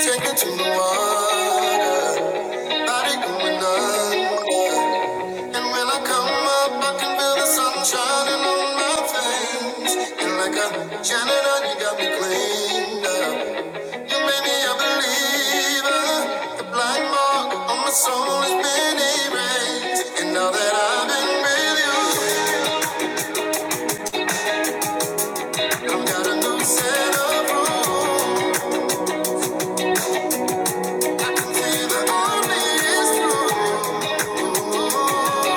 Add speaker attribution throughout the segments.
Speaker 1: Take it to the water, body going under. And when I come up, I can feel the sun shining on my face. And like a janitor, you got me cleaned up. You made me a believer. The black mark on my soul has been erased. And now that I've been with you, I've got a new set of rules. And see, the army is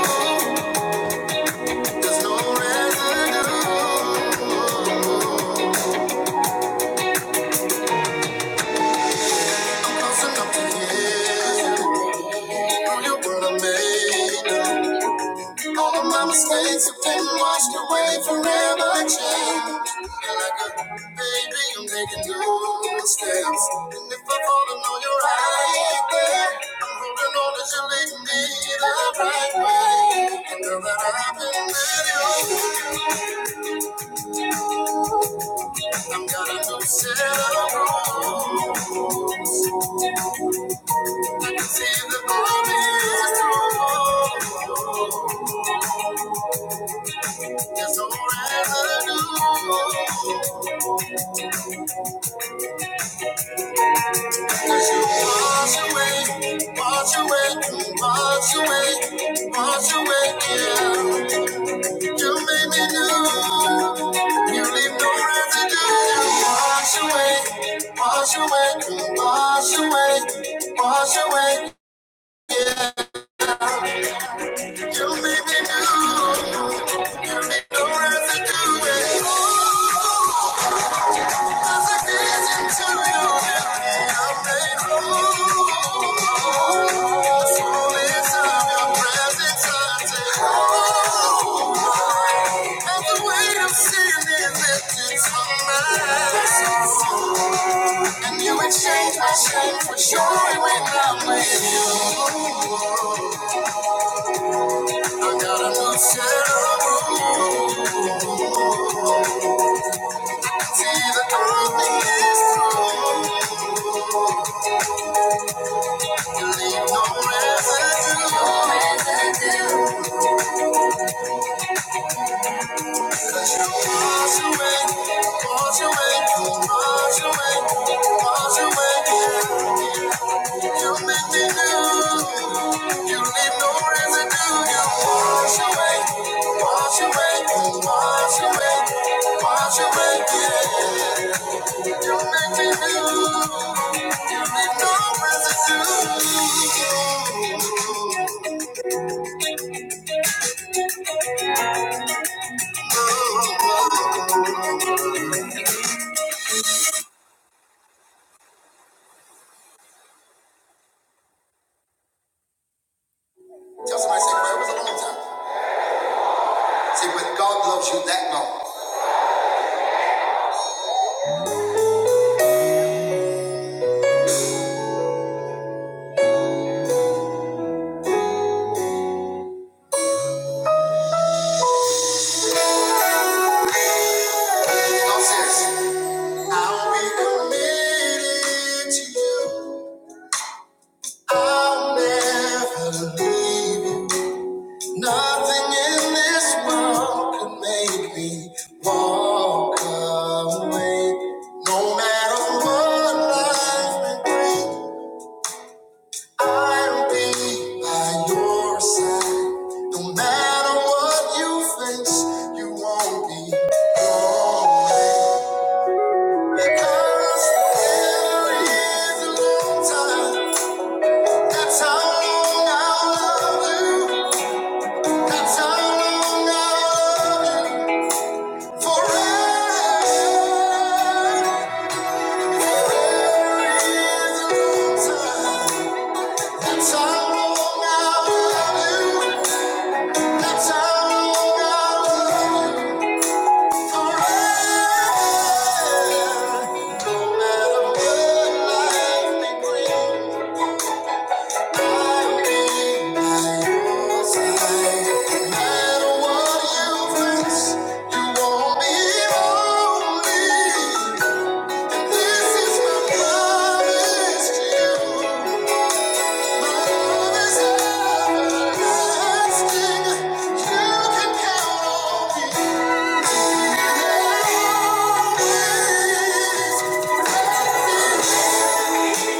Speaker 1: through. There's no residue. I'm close enough to hear all your word I made. All of my mistakes have been washed away forever. I change. And like a baby, I'm making new mistakes. And if I fall, I know you're right there. I'm holding on that you lead me the right way. And now that I've been with you, I'm got a new set of rules. See the moment is through. no residue. As you wash away, wash away, wash away, wash away, yeah. You made me new. You leave no residue. Wash away, wash away, wash away, wash away, yeah. You made me new. You leave no residue. Change my shame for joy when I'm with you. I got a new shadow, See the only thing is true. You leave no residue. No residue. Cause you wash away, wash away, wash away, wash away. You make me new. You leave no residue. You wash away, wash away, wash away, wash away. Yeah. You make me new. You leave no residue. Tell somebody, say, "Well, it was a long time. See, when God loves you that much, no serious. I'll be committed to you. I'll never leave you. Nothing in this world can make me walk away. No matter what life may bring, I'll be by your side. No matter what you face, you won't be gone. Because there is a long time. That's how long I'll love you. That's how long I'll love you. Forever. There is a long time. That's how long I'll love you. That's how long I'll love you. Forever. No matter what life may bring. Yeah. Forever.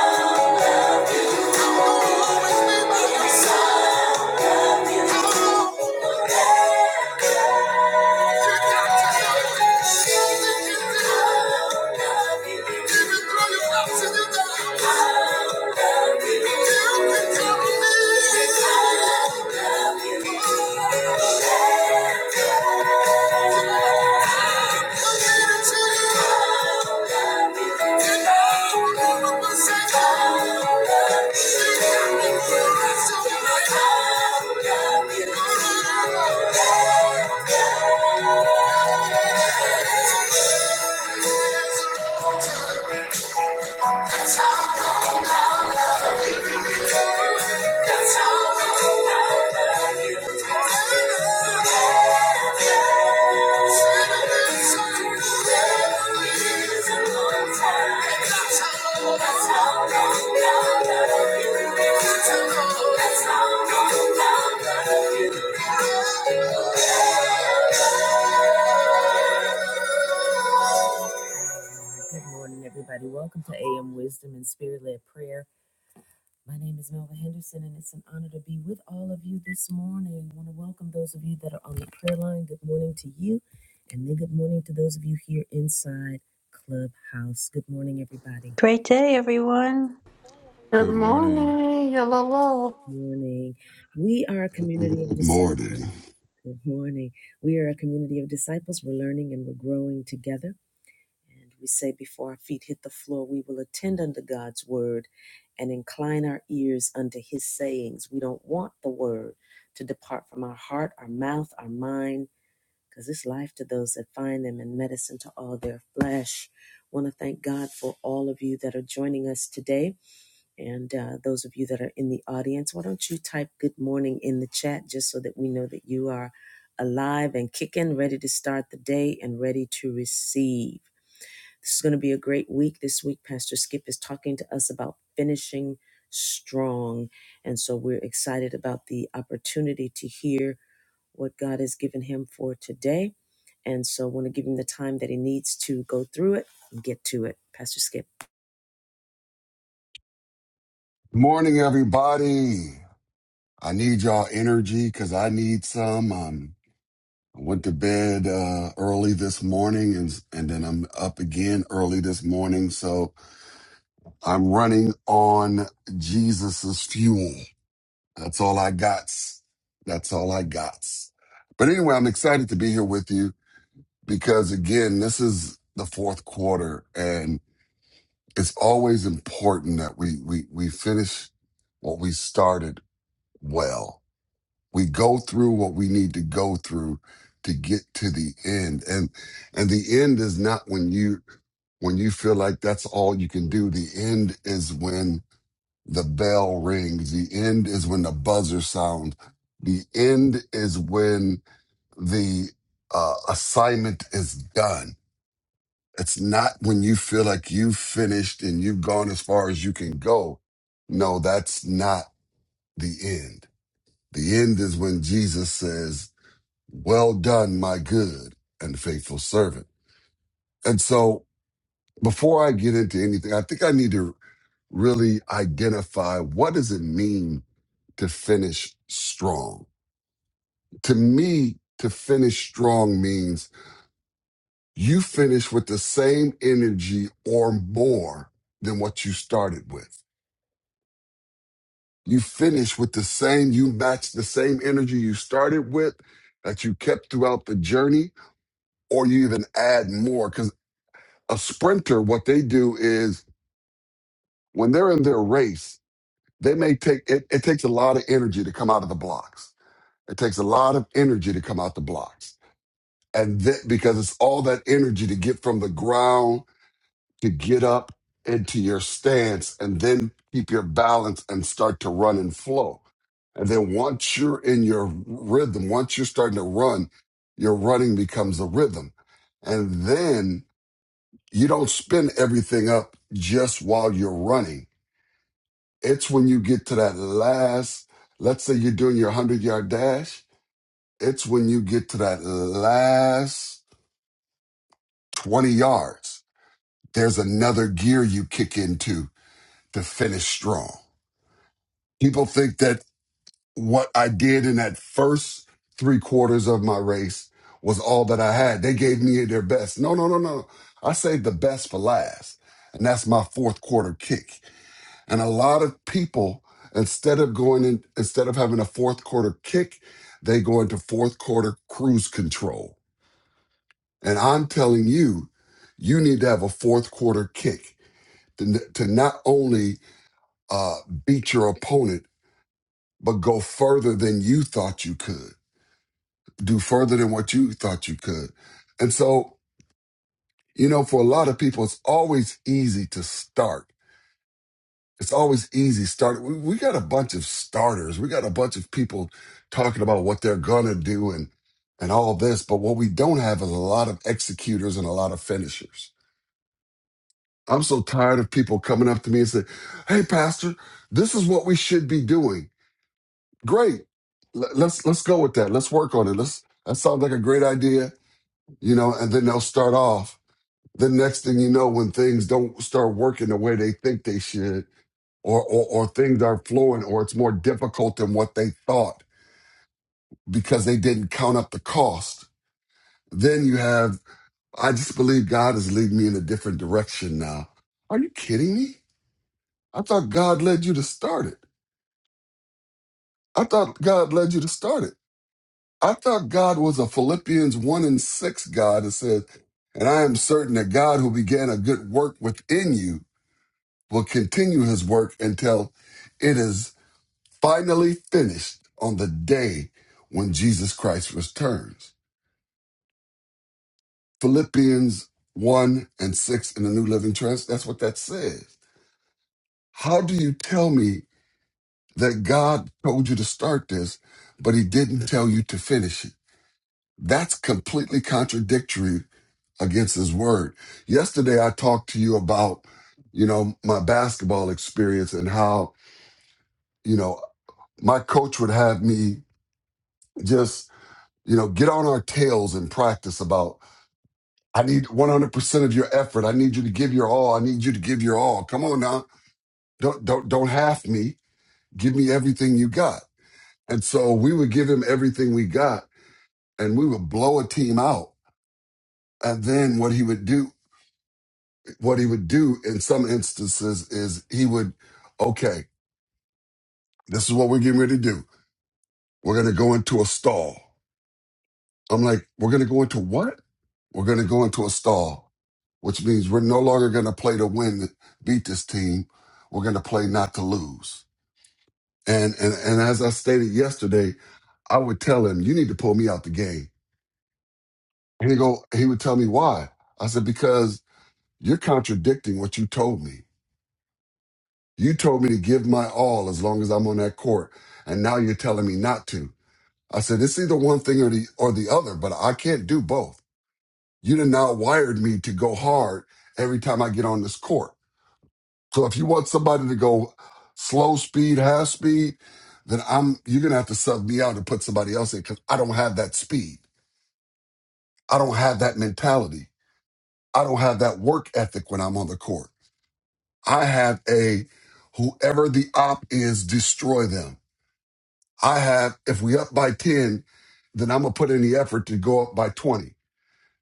Speaker 1: Thank you. I'm love you. That's how I love you. Good morning, everybody. Welcome to AM Wisdom and Spirit Led Prayer. My name is Melva Henderson, and it's an honor to be with all of you this morning. I want to welcome those of you that are on the prayer line. Good morning to you, and then good morning to those of you here inside Clubhouse. Good morning, everybody.
Speaker 2: Great day, everyone.
Speaker 3: Good
Speaker 4: Good morning.
Speaker 3: morning, Yellow
Speaker 1: morning. We are a community of disciples. Good morning. We are a community of disciples. We're learning and we're growing together. And we say, before our feet hit the floor, we will attend unto God's word and incline our ears unto his sayings. We don't want the word to depart from our heart, our mouth, our mind, because it's life to those that find them and medicine to all their flesh. Want to thank God for all of you that are joining us today. And uh, those of you that are in the audience, why don't you type good morning in the chat just so that we know that you are alive and kicking, ready to start the day and ready to receive. This is going to be a great week. This week, Pastor Skip is talking to us about finishing strong. And so we're excited about the opportunity to hear what God has given him for today. And so want to give him the time that he needs to go through it and get to it. Pastor Skip.
Speaker 5: I went to bed uh, early this morning, and and then I'm up again early this morning. So I'm running on Jesus's fuel. That's all I got. That's all I got. But anyway, I'm excited to be here with you because again, this is the fourth quarter, and it's always important that we we we finish what we started well. we go through what we need to go through to get to the end and and the end is not when you when you feel like that's all you can do the end is when the bell rings the end is when the buzzer sounds the end is when the uh, assignment is done it's not when you feel like you've finished and you've gone as far as you can go no that's not the end the end is when jesus says well done, my good and faithful servant. And so before I get into anything, I think I need to really identify what does it mean to finish strong? To me, to finish strong means you finish with the same energy or more than what you started with. You finish with the same, you match the same energy you started with that you kept throughout the journey, or you even add more. because. a sprinter, what they do is when they're in their race, they may take it, it takes a lot of energy to come out of the blocks. It takes a lot of energy to come out the blocks. And that because it's all that energy to get from the ground to get up into your stance and then keep your balance and start to run and flow. And then once you're in your rhythm, once you're starting to run, your running becomes a rhythm. And then You don't spin everything up just while you're running. It's when you get to that last, let's say you're doing your 100 yard dash, it's when you get to that last 20 yards. There's another gear you kick into to finish strong. People think that what I did in that first three quarters of my race was all that I had. They gave me their best. No, no, no, no. I saved the best for last. And that's my fourth quarter kick. And a lot of people, instead of going in, instead of having a fourth quarter kick, they go into fourth quarter cruise control. And I'm telling you, you need to have a fourth quarter kick to, to not only uh, beat your opponent, but go further than you thought you could, do further than what you thought you could. And so, you know, for a lot of people, it's always easy to start it's always easy start we, we got a bunch of starters we got a bunch of people talking about what they're gonna do and and all this but what we don't have is a lot of executors and a lot of finishers i'm so tired of people coming up to me and say hey pastor this is what we should be doing great L- let's let's go with that let's work on it let's that sounds like a great idea you know and then they'll start off the next thing you know when things don't start working the way they think they should or, or or things are flowing or it's more difficult than what they thought because they didn't count up the cost. Then you have, I just believe God is leading me in a different direction now. Are you kidding me? I thought God led you to start it. I thought God led you to start it. I thought God was a Philippians 1 and 6 God that said, and I am certain that God who began a good work within you will continue his work until it is finally finished on the day when Jesus Christ returns. Philippians 1 and 6 in the New Living Translation. that's what that says. How do you tell me that God told you to start this, but he didn't tell you to finish it? That's completely contradictory against his word. Yesterday, I talked to you about, you know, my basketball experience and how, you know, my coach would have me just, you know, get on our tails in practice about I need 100% of your effort. I need you to give your all. I need you to give your all. Come on now. Don't, don't, don't half me. Give me everything you got. And so we would give him everything we got and we would blow a team out. And then what he would do, what he would do in some instances is he would, okay, this is what we're getting ready to do. We're going to go into a stall. I'm like, we're going to go into what? We're going to go into a stall, which means we're no longer going to play to win, beat this team. We're going to play not to lose. And, and and as I stated yesterday, I would tell him, you need to pull me out the game. And he go, he would tell me why. I said, because you're contradicting what you told me. You told me to give my all as long as I'm on that court. And now you're telling me not to. I said, it's either one thing or the or the other, but I can't do both. You done now wired me to go hard every time I get on this court. So if you want somebody to go slow speed, half speed, then I'm you're gonna have to sub me out and put somebody else in because I don't have that speed. I don't have that mentality. I don't have that work ethic when I'm on the court. I have a whoever the op is, destroy them. I have if we up by 10, then I'm gonna put in the effort to go up by 20.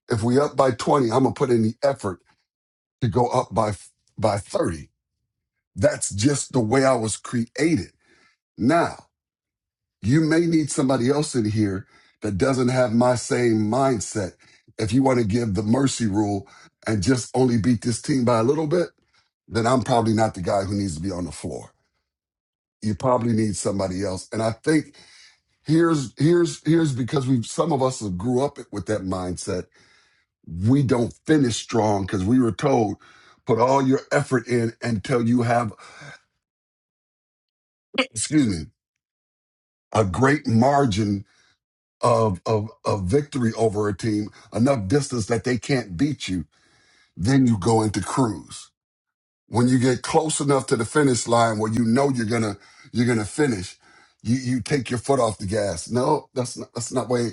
Speaker 5: If we up by 20, I'm gonna put in the effort to go up by by 30 That's just the way I was created. Now, you may need somebody else in here that doesn't have my same mindset. If you want to give the mercy rule and just only beat this team by a little bit, then I'm probably not the guy who needs to be on the floor. You probably need somebody else. And I think here's here's here's because we some of us have grew up with that mindset. We don't finish strong because we were told put all your effort in until you have excuse me a great margin of, of, of victory over a team, enough distance that they can't beat you, then you go into cruise. When you get close enough to the finish line where you know you're gonna you're gonna finish, you you take your foot off the gas. No, that's not that's not the way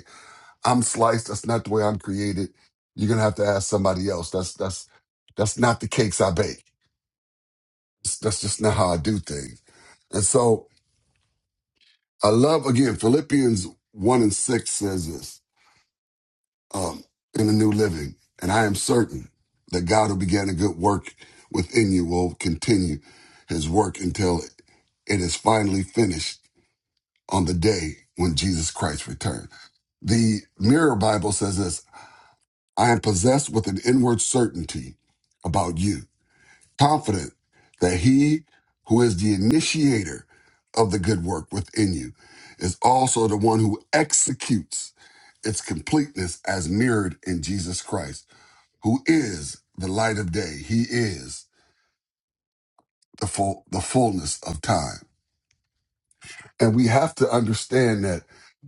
Speaker 5: I'm sliced. That's not the way I'm created. You're gonna have to ask somebody else. That's that's that's not the cakes I bake. That's that's just not how I do things. And so I love again Philippians one and six says this. um, in the new living. And I am certain that God who began a good work within you will continue his work until it is finally finished on the day when Jesus Christ returns. The Mirror Bible says this I am possessed with an inward certainty about you, confident that he who is the initiator of the good work within you is also the one who executes its completeness as mirrored in Jesus Christ who is the light of day. He is the full, the fullness of time. And we have to understand that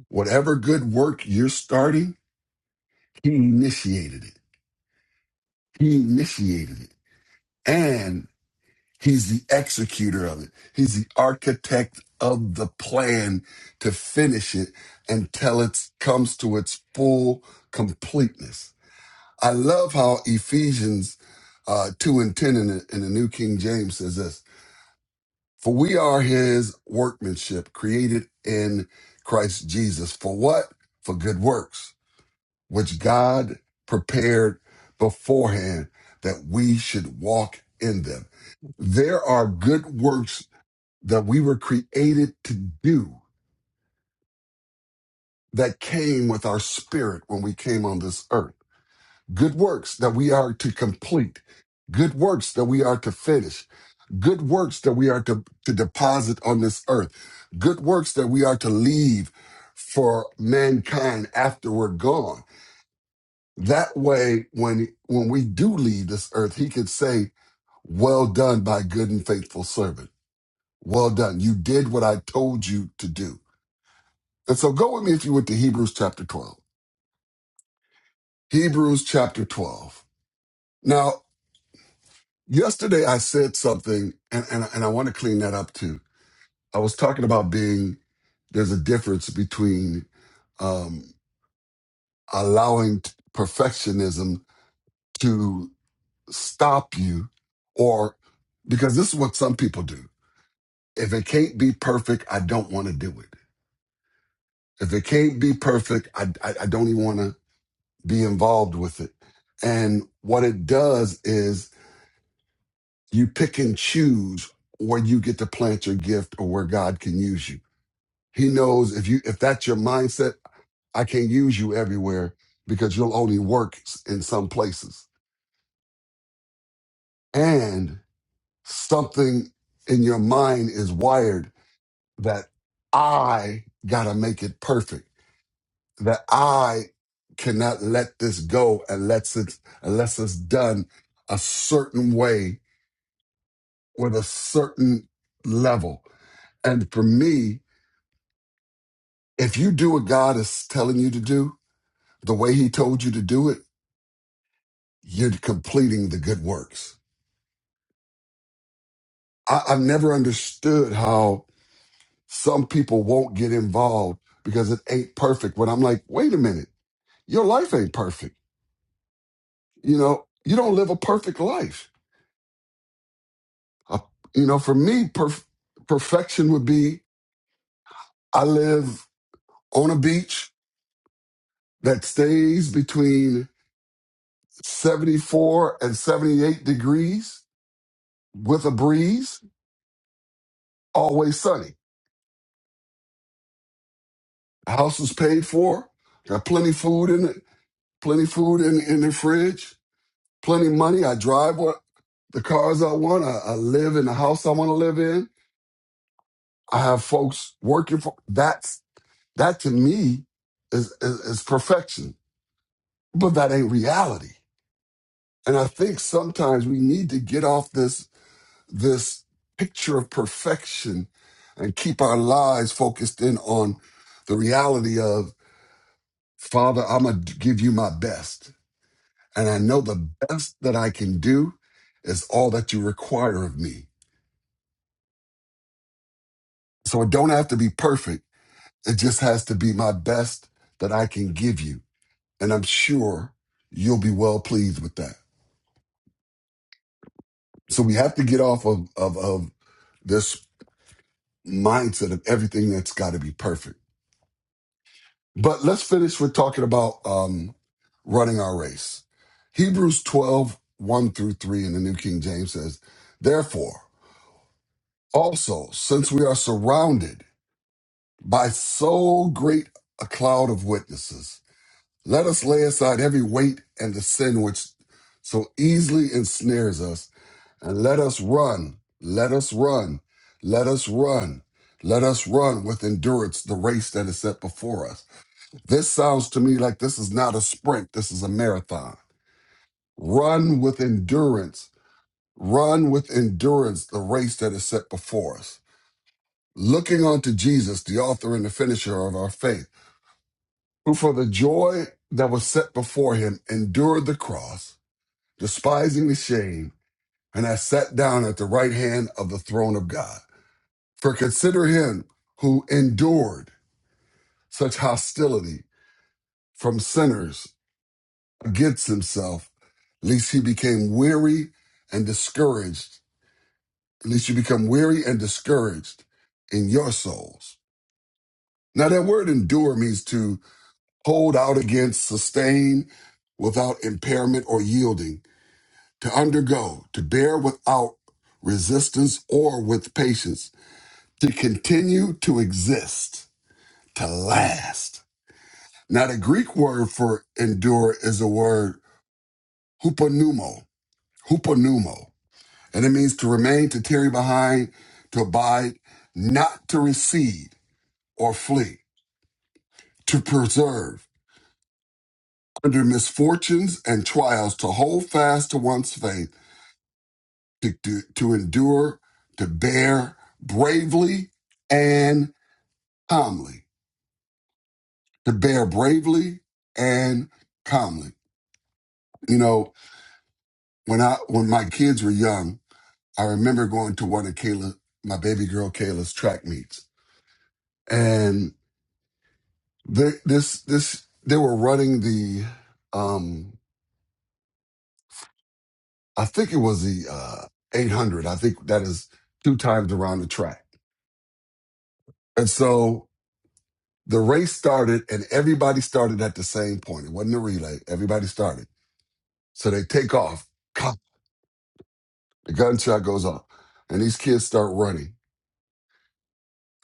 Speaker 5: whatever good work you're starting, he initiated it. He initiated it. And he's the executor of it. He's the architect of the plan to finish it until it comes to its full completeness. I love how Ephesians uh, 2 and 10 in the, in the New King James says this For we are his workmanship, created in Christ Jesus. For what? For good works, which God prepared beforehand that we should walk in them. There are good works that we were created to do that came with our spirit when we came on this earth. Good works that we are to complete. Good works that we are to finish. good works that we are to, to deposit on this earth, good works that we are to leave for mankind after we're gone. That way, when when we do leave this earth, he could say, Well done, my good and faithful servant. Well done. You did what I told you to do. And so go with me if you would to Hebrews chapter 12. Hebrews chapter 12. Now, yesterday I said something, and, and, and I want to clean that up too I was talking about being there's a difference between um, allowing t- perfectionism to stop you, or because this is what some people do. If it can't be perfect, I don't want to do it. If it can't be perfect, I, I, I don't even want to be involved with it. And what it does is you pick and choose where you get to plant your gift or where God can use you He knows if you if that's your mindset, I can't use you everywhere because you'll only work s- in some places. And something in your mind is wired that I gotta make it perfect. That I cannot let this go unless it's unless it's done a certain way with a certain level. And for me, if you do what God is telling you to do, the way He told you to do it you're completing the good works. I, I've never understood how some people won't get involved because it ain't perfect. When I'm like, wait a minute, your life ain't perfect. You know, you don't live a perfect life. Uh, you know, for me, perf- perfection would be I live on a beach that stays between 74 and 78 degrees with a breeze, always sunny. The house is paid for, got plenty food in it plenty food in, in the fridge, plenty money. I drive what the cars I want. I, I live in the house I want to live in. I have folks working for that's that to me is, is is perfection, but that ain't reality. And I think sometimes we need to get off this this picture of perfection and keep our lives focused in on the reality of Father. I'm gonna give you my best. And I know the best that I can do is all that you require of me. So it don't have to be perfect. It just has to be my best that I can give you. And I'm sure you'll be well pleased with that. So we have to get off of, of, of this mindset of everything that's got to be perfect. But let's finish with talking about um, running our race. Hebrews twelve one through 3 in the New King James says, Therefore, also, since we are surrounded by so great a cloud of witnesses. Let us lay aside every weight and the sin which so easily ensnares us, and let us run, let us run, let us run, let us run with endurance the race that is set before us. This sounds to me like this is not a sprint, this is a marathon. Run with endurance, run with endurance the race that is set before us. Looking unto Jesus, the author and the finisher of our faith who for the joy that was set before him endured the cross, despising the shame, and has sat down at the right hand of the throne of God. For consider him who endured such hostility from sinners against himself, lest he became weary and discouraged, lest you become weary and discouraged in your souls. Now that word endure means to hold out against, sustain without impairment or yielding to undergo, to bear without resistance or with patience, to continue to exist, to last. Now, the Greek word for endure is the word huponeumo, huponeumo, and it means to remain, to tarry behind, to abide, not to recede or flee, to preserve under misfortunes and trials, to hold fast to one's faith, to, to, to endure, to bear bravely and calmly, to bear bravely and calmly. You know, when I when my kids were young, I remember going to one of Kayla, my baby girl Kayla's track meets, and they, this this they were running the, um, I think it was the uh, 800. I think that is two times around the track, and so. The race started and everybody started at the same point. It wasn't a relay. Everybody started. So they take off. The gunshot goes off, and these kids start running.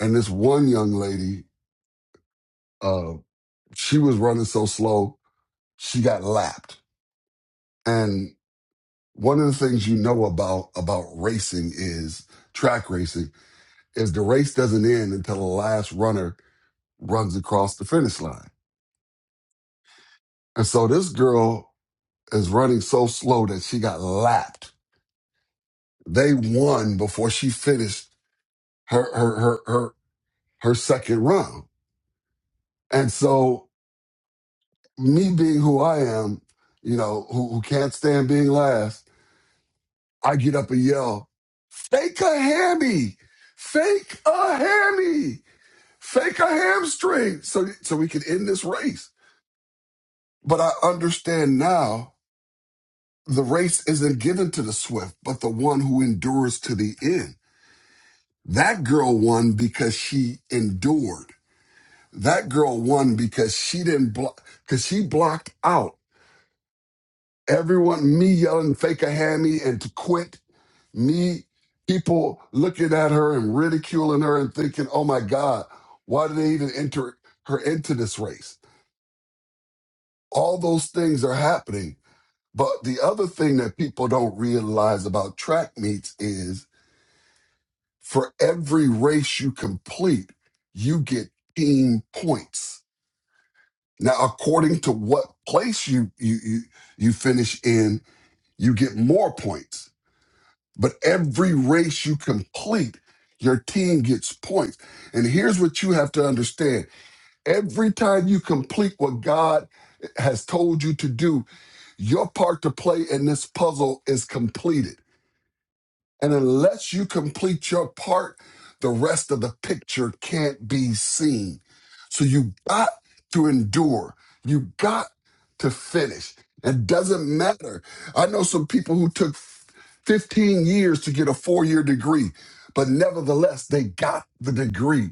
Speaker 5: And this one young lady, uh, she was running so slow, she got lapped. And one of the things you know about about racing is track racing is the race doesn't end until the last runner runs across the finish line. And so this girl is running so slow that she got lapped. They won before she finished her her her her, her second round. And so me being who I am, you know, who, who can't stand being last, I get up and yell, fake a hammy, fake a hammy, fake a hamstring, so so we can end this race. But I understand now the race isn't given to the swift, but the one who endures to the end. That girl won because she endured. That girl won because she didn't block, because she blocked out everyone, me yelling fake a hammy and to quit me people looking at her and ridiculing her and thinking, oh my God, why did they even enter her into this race? All those things are happening. But the other thing that people don't realize about track meets is for every race you complete, you get team points. Now, according to what place you you you, you finish in, you get more points. But every race you complete, your team gets points. And here's what you have to understand every time you complete what God has told you to do, your part to play in this puzzle is completed. And unless you complete your part, the rest of the picture can't be seen. So you got to endure. You got to finish. It doesn't matter. I know some people who took 15 years to get a four year degree, but nevertheless, they got the degree.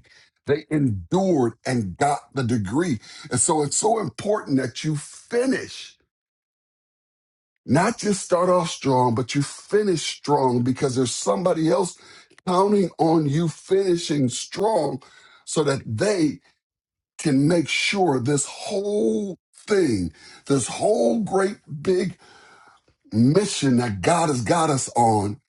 Speaker 5: They endured and got the degree. And so it's so important that you finish not just start off strong, but you finish strong because there's somebody else counting on you finishing strong so that they can make sure this whole thing, this whole great big mission that God has got us on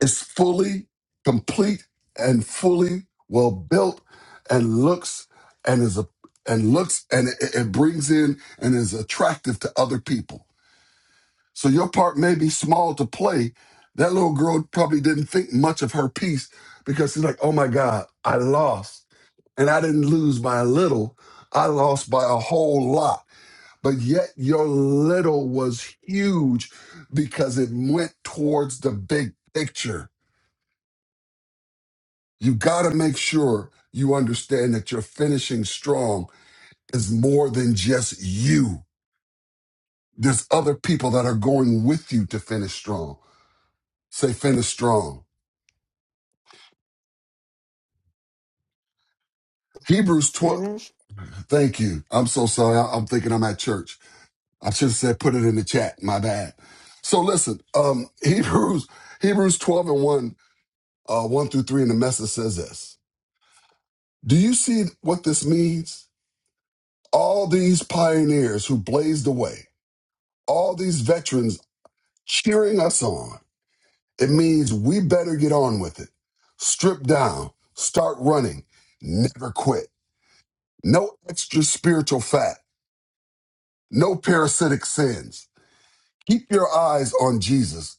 Speaker 5: is fully complete and fully well built and looks and is a and looks and it, it brings in and is attractive to other people. So your part may be small to play. That little girl probably didn't think much of her piece because she's like, oh my God, I lost. And I didn't lose by a little, I lost by a whole lot. But yet your little was huge because it went towards the big picture. You got to make sure you understand that your finishing strong is more than just you. There's other people that are going with you to finish strong. Say, finish strong Hebrews 12.
Speaker 3: Finish.
Speaker 5: Thank you. I'm so sorry. I, am thinking I'm at church. I should have said put it in the chat. My bad. So listen, um, Hebrews, Hebrews 12 and 1, uh, 1 through 3 in the message says this. Do you see what this means? All these pioneers who blazed the way, all these veterans cheering us on. It means we better get on with it. Strip down, start running, never quit. No extra spiritual fat, no parasitic sins Keep your eyes on Jesus,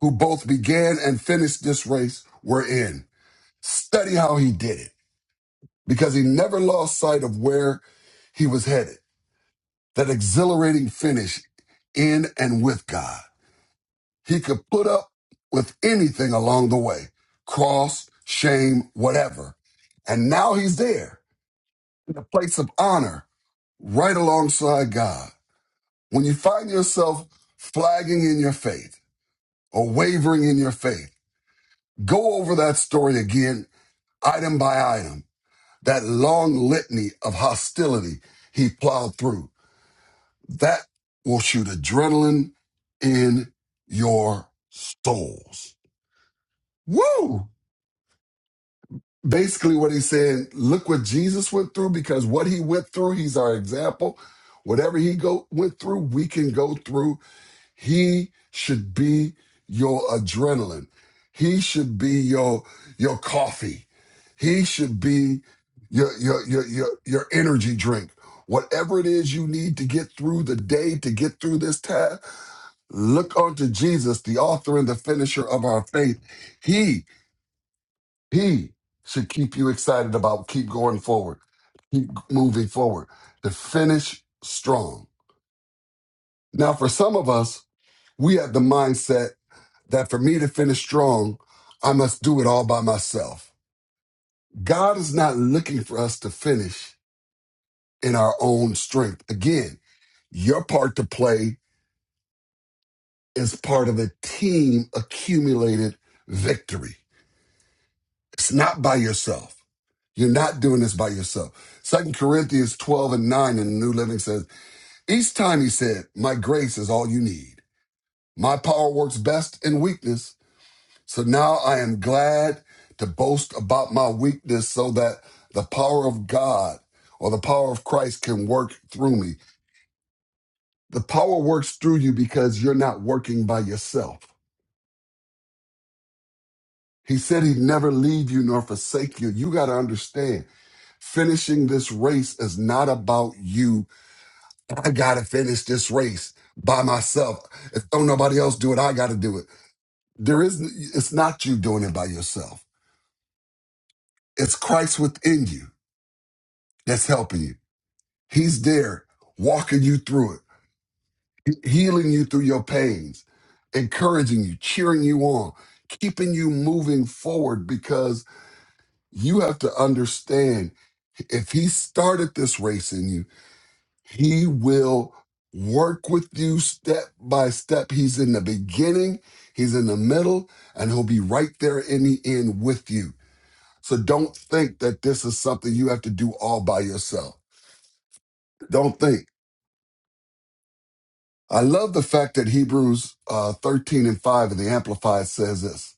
Speaker 5: who both began and finished this race we're in. Study how he did it, because he never lost sight of where he was headed. That exhilarating finish in and with God. He could put up with anything along the way cross, shame, whatever. And now he's there in the place of honor, right alongside God. When you find yourself flagging in your faith or wavering in your faith, Go over that story again, item by item. That long litany of hostility he plowed through. That will shoot adrenaline in your souls. Woo! Basically, what he's saying, look what Jesus went through because what he went through, he's our example. Whatever he go, went through, we can go through He should be your adrenaline. He should be your your coffee. He should be your your your your, your energy drink. Whatever it is you need to get through the day, to get through this task, look unto Jesus, the author and the finisher of our faith. He, he should keep you excited about keep going forward, keep moving forward, to finish strong. Now, for some of us, we have the mindset that for me to finish strong, I must do it all by myself. God is not looking for us to finish in our own strength. Again, your part to play is part of a team accumulated victory. It's not by yourself. You're not doing this by yourself. Second Corinthians 12 and 9 in the New Living says, Each time he said, My grace is all you need. My power works best in weakness. So now I am glad to boast about my weakness so that the power of God or the power of Christ can work through me. The power works through you because you're not working by yourself. He said he'd never leave you nor forsake you. You got to understand, finishing this race is not about you. I got to finish this race by myself. If don't nobody else do it, I got to do it. There is, it's not you doing it by yourself. It's Christ within you that's helping you. He's there walking you through it, healing you through your pains, encouraging you, cheering you on, keeping you moving forward because you have to understand if he started this race in you, he will work with you step by step. He's in the beginning, he's in the middle, and he'll be right there in the end with you. So don't think that this is something you have to do all by yourself. Don't think. I love the fact that Hebrews uh, 13 and 5 in the Amplified says this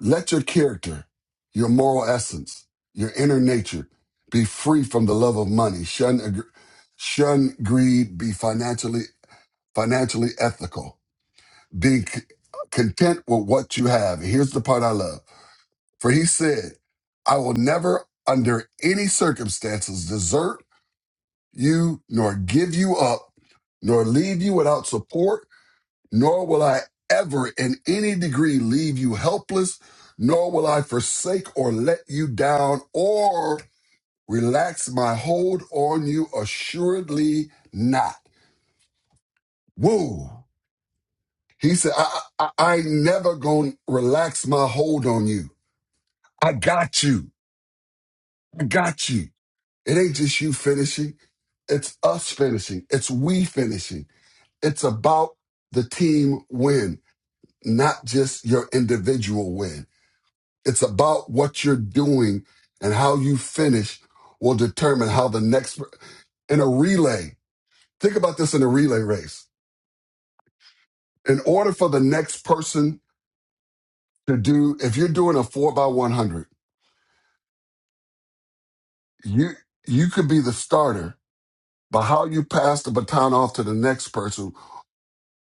Speaker 5: Let your character, your moral essence, your inner nature be free from the love of money. Shun, ag- shun greed, be financially, financially ethical, Be c- content with what you have. Here's the part I love. For he said, I will never, under any circumstances, desert you, nor give you up, nor leave you without support nor will I ever in any degree leave you helpless, nor will I forsake or let you down or relax my hold on you, assuredly not. Woo! He said, I, I, I ain't never gonna relax my hold on you. I got you. I got you. It ain't just you finishing. It's us finishing. It's we finishing. It's about the team win, not just your individual win. It's about what you're doing and how you finish will determine how the next in a relay. Think about this in a relay race. In order for the next person to do, if you're doing a four by one hundred, you you could be the starter, but how you pass the baton off to the next person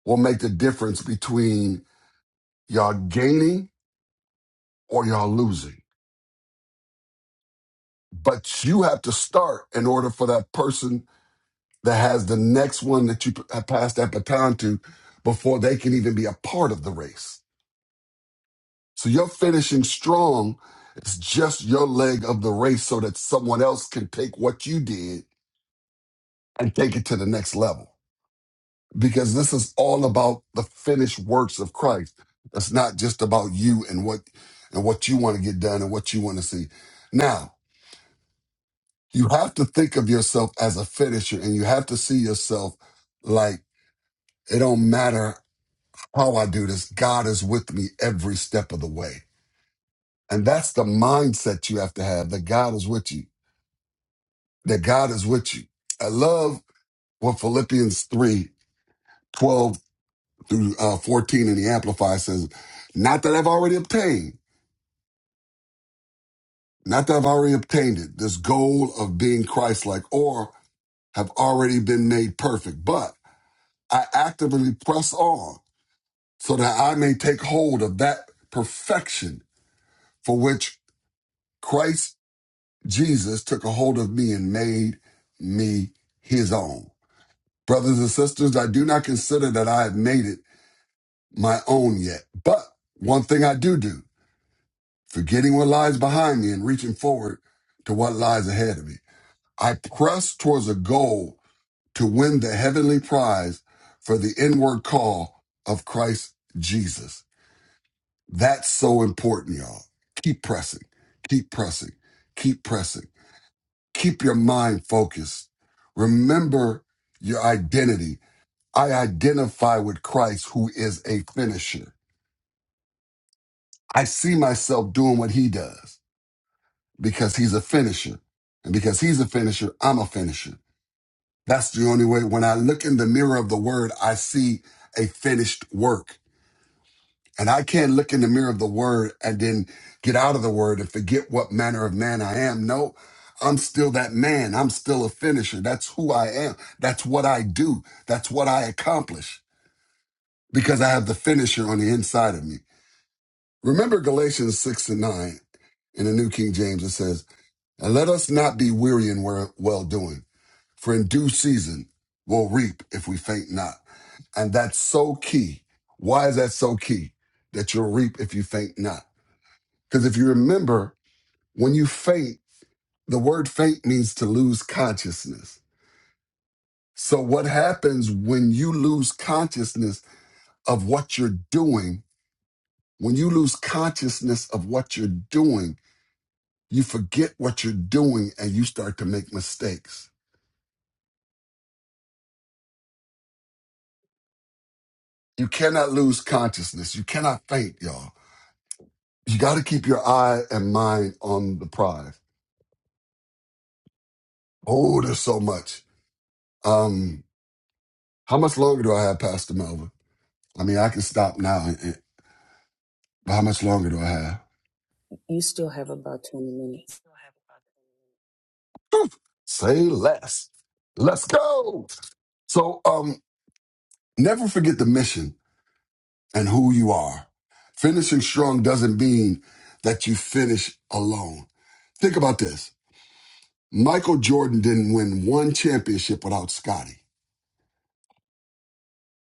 Speaker 5: will make the difference between y'all gaining or y'all losing. But you have to start in order for that person that has the next one that you p- have that baton to before they can even be a part of the race. So you're finishing strong. It's just your leg of the race so that someone else can take what you did and take it to the next level. Because this is all about the finished works of Christ. It's not just about you and what and what you want to get done and what you want to see. Now, you have to think of yourself as a finisher and you have to see yourself like it don't matter how I do this, God is with me every step of the way. And that's the mindset you have to have that God is with you, that God is with you. I love what Philippians 3 12 through uh, 14 in the Amplified says, Not that I've already obtained, not that I've already obtained it, this goal of being Christ like, or have already been made perfect, but I actively press on so that I may take hold of that perfection for which Christ Jesus took a hold of me and made me his own. Brothers and sisters, I do not consider that I have made it my own yet. But one thing I do do, forgetting what lies behind me and reaching forward to what lies ahead of me. I press towards a goal to win the heavenly prize for the inward call of Christ Jesus. That's so important, y'all. Keep pressing, keep pressing, keep pressing. Keep your mind focused. Remember your identity. I identify with Christ, who is a finisher. I see myself doing what he does because he's a finisher. And because he's a finisher, I'm a finisher. That's the only way. When I look in the mirror of the word, I see a finished work. And I can't look in the mirror of the word and then get out of the word and forget what manner of man I am. No, I'm still that man. I'm still a finisher. That's who I am. That's what I do. That's what I accomplish because I have the finisher on the inside of me. Remember Galatians 6 and 9 in the New King James, it says, And let us not be weary in well well doing, for in due season we'll reap if we faint not. And that's so key. Why is that so key? That you'll reap if you faint not Because if you remember, when you faint, the word faint means to lose consciousness. So, what happens when you lose consciousness of what you're doing? When you lose consciousness of what you're doing, you forget what you're doing and you start to make mistakes. You cannot lose consciousness. You cannot faint, y'all. You got to keep your eye and mind on the prize. Oh, there's so much. Um, how much longer do I have, Pastor Melvin? I mean, I can stop now. and. But How much longer do I have?
Speaker 1: You still have about 20 minutes.
Speaker 5: Say less. Let's go. So, um, never forget the mission and who you are. Finishing strong doesn't mean that you finish alone. Think about this. Michael Jordan didn't win one championship without Scotty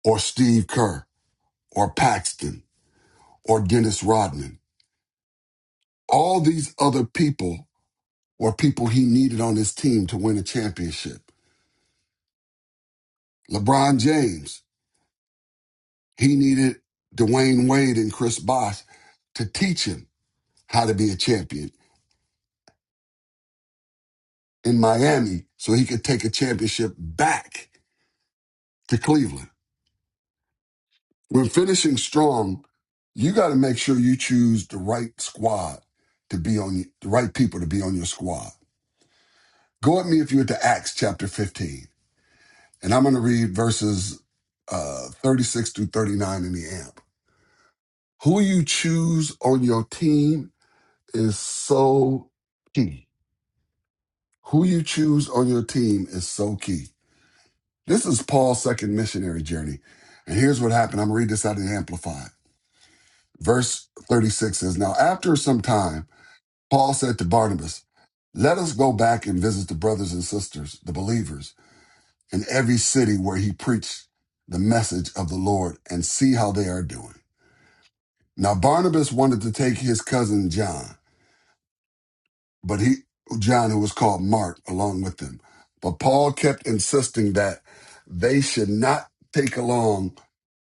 Speaker 5: or Steve Kerr or Paxton or Dennis Rodman. All these other people were people he needed on his team to win a championship. LeBron James He needed Dwayne Wade and Chris Bosh to teach him how to be a champion in Miami so he could take a championship back to Cleveland. When finishing strong, you got to make sure you choose the right squad to be on the right people to be on your squad. Go at me if you're at the Acts chapter 15, and I'm going to read verses uh, 36 through 39 in the amp. Who you choose on your team is so key. Who you choose on your team is so key. This is Paul's second missionary journey. And here's what happened. I'm going to read this out of the Amplified. Verse 36 says, Now after some time, Paul said to Barnabas, Let us go back and visit the brothers and sisters, the believers, in every city where he preached the message of the Lord and see how they are doing. Now Barnabas wanted to take his cousin John but he John, who was called Mark, along with them. But Paul kept insisting that they should not take along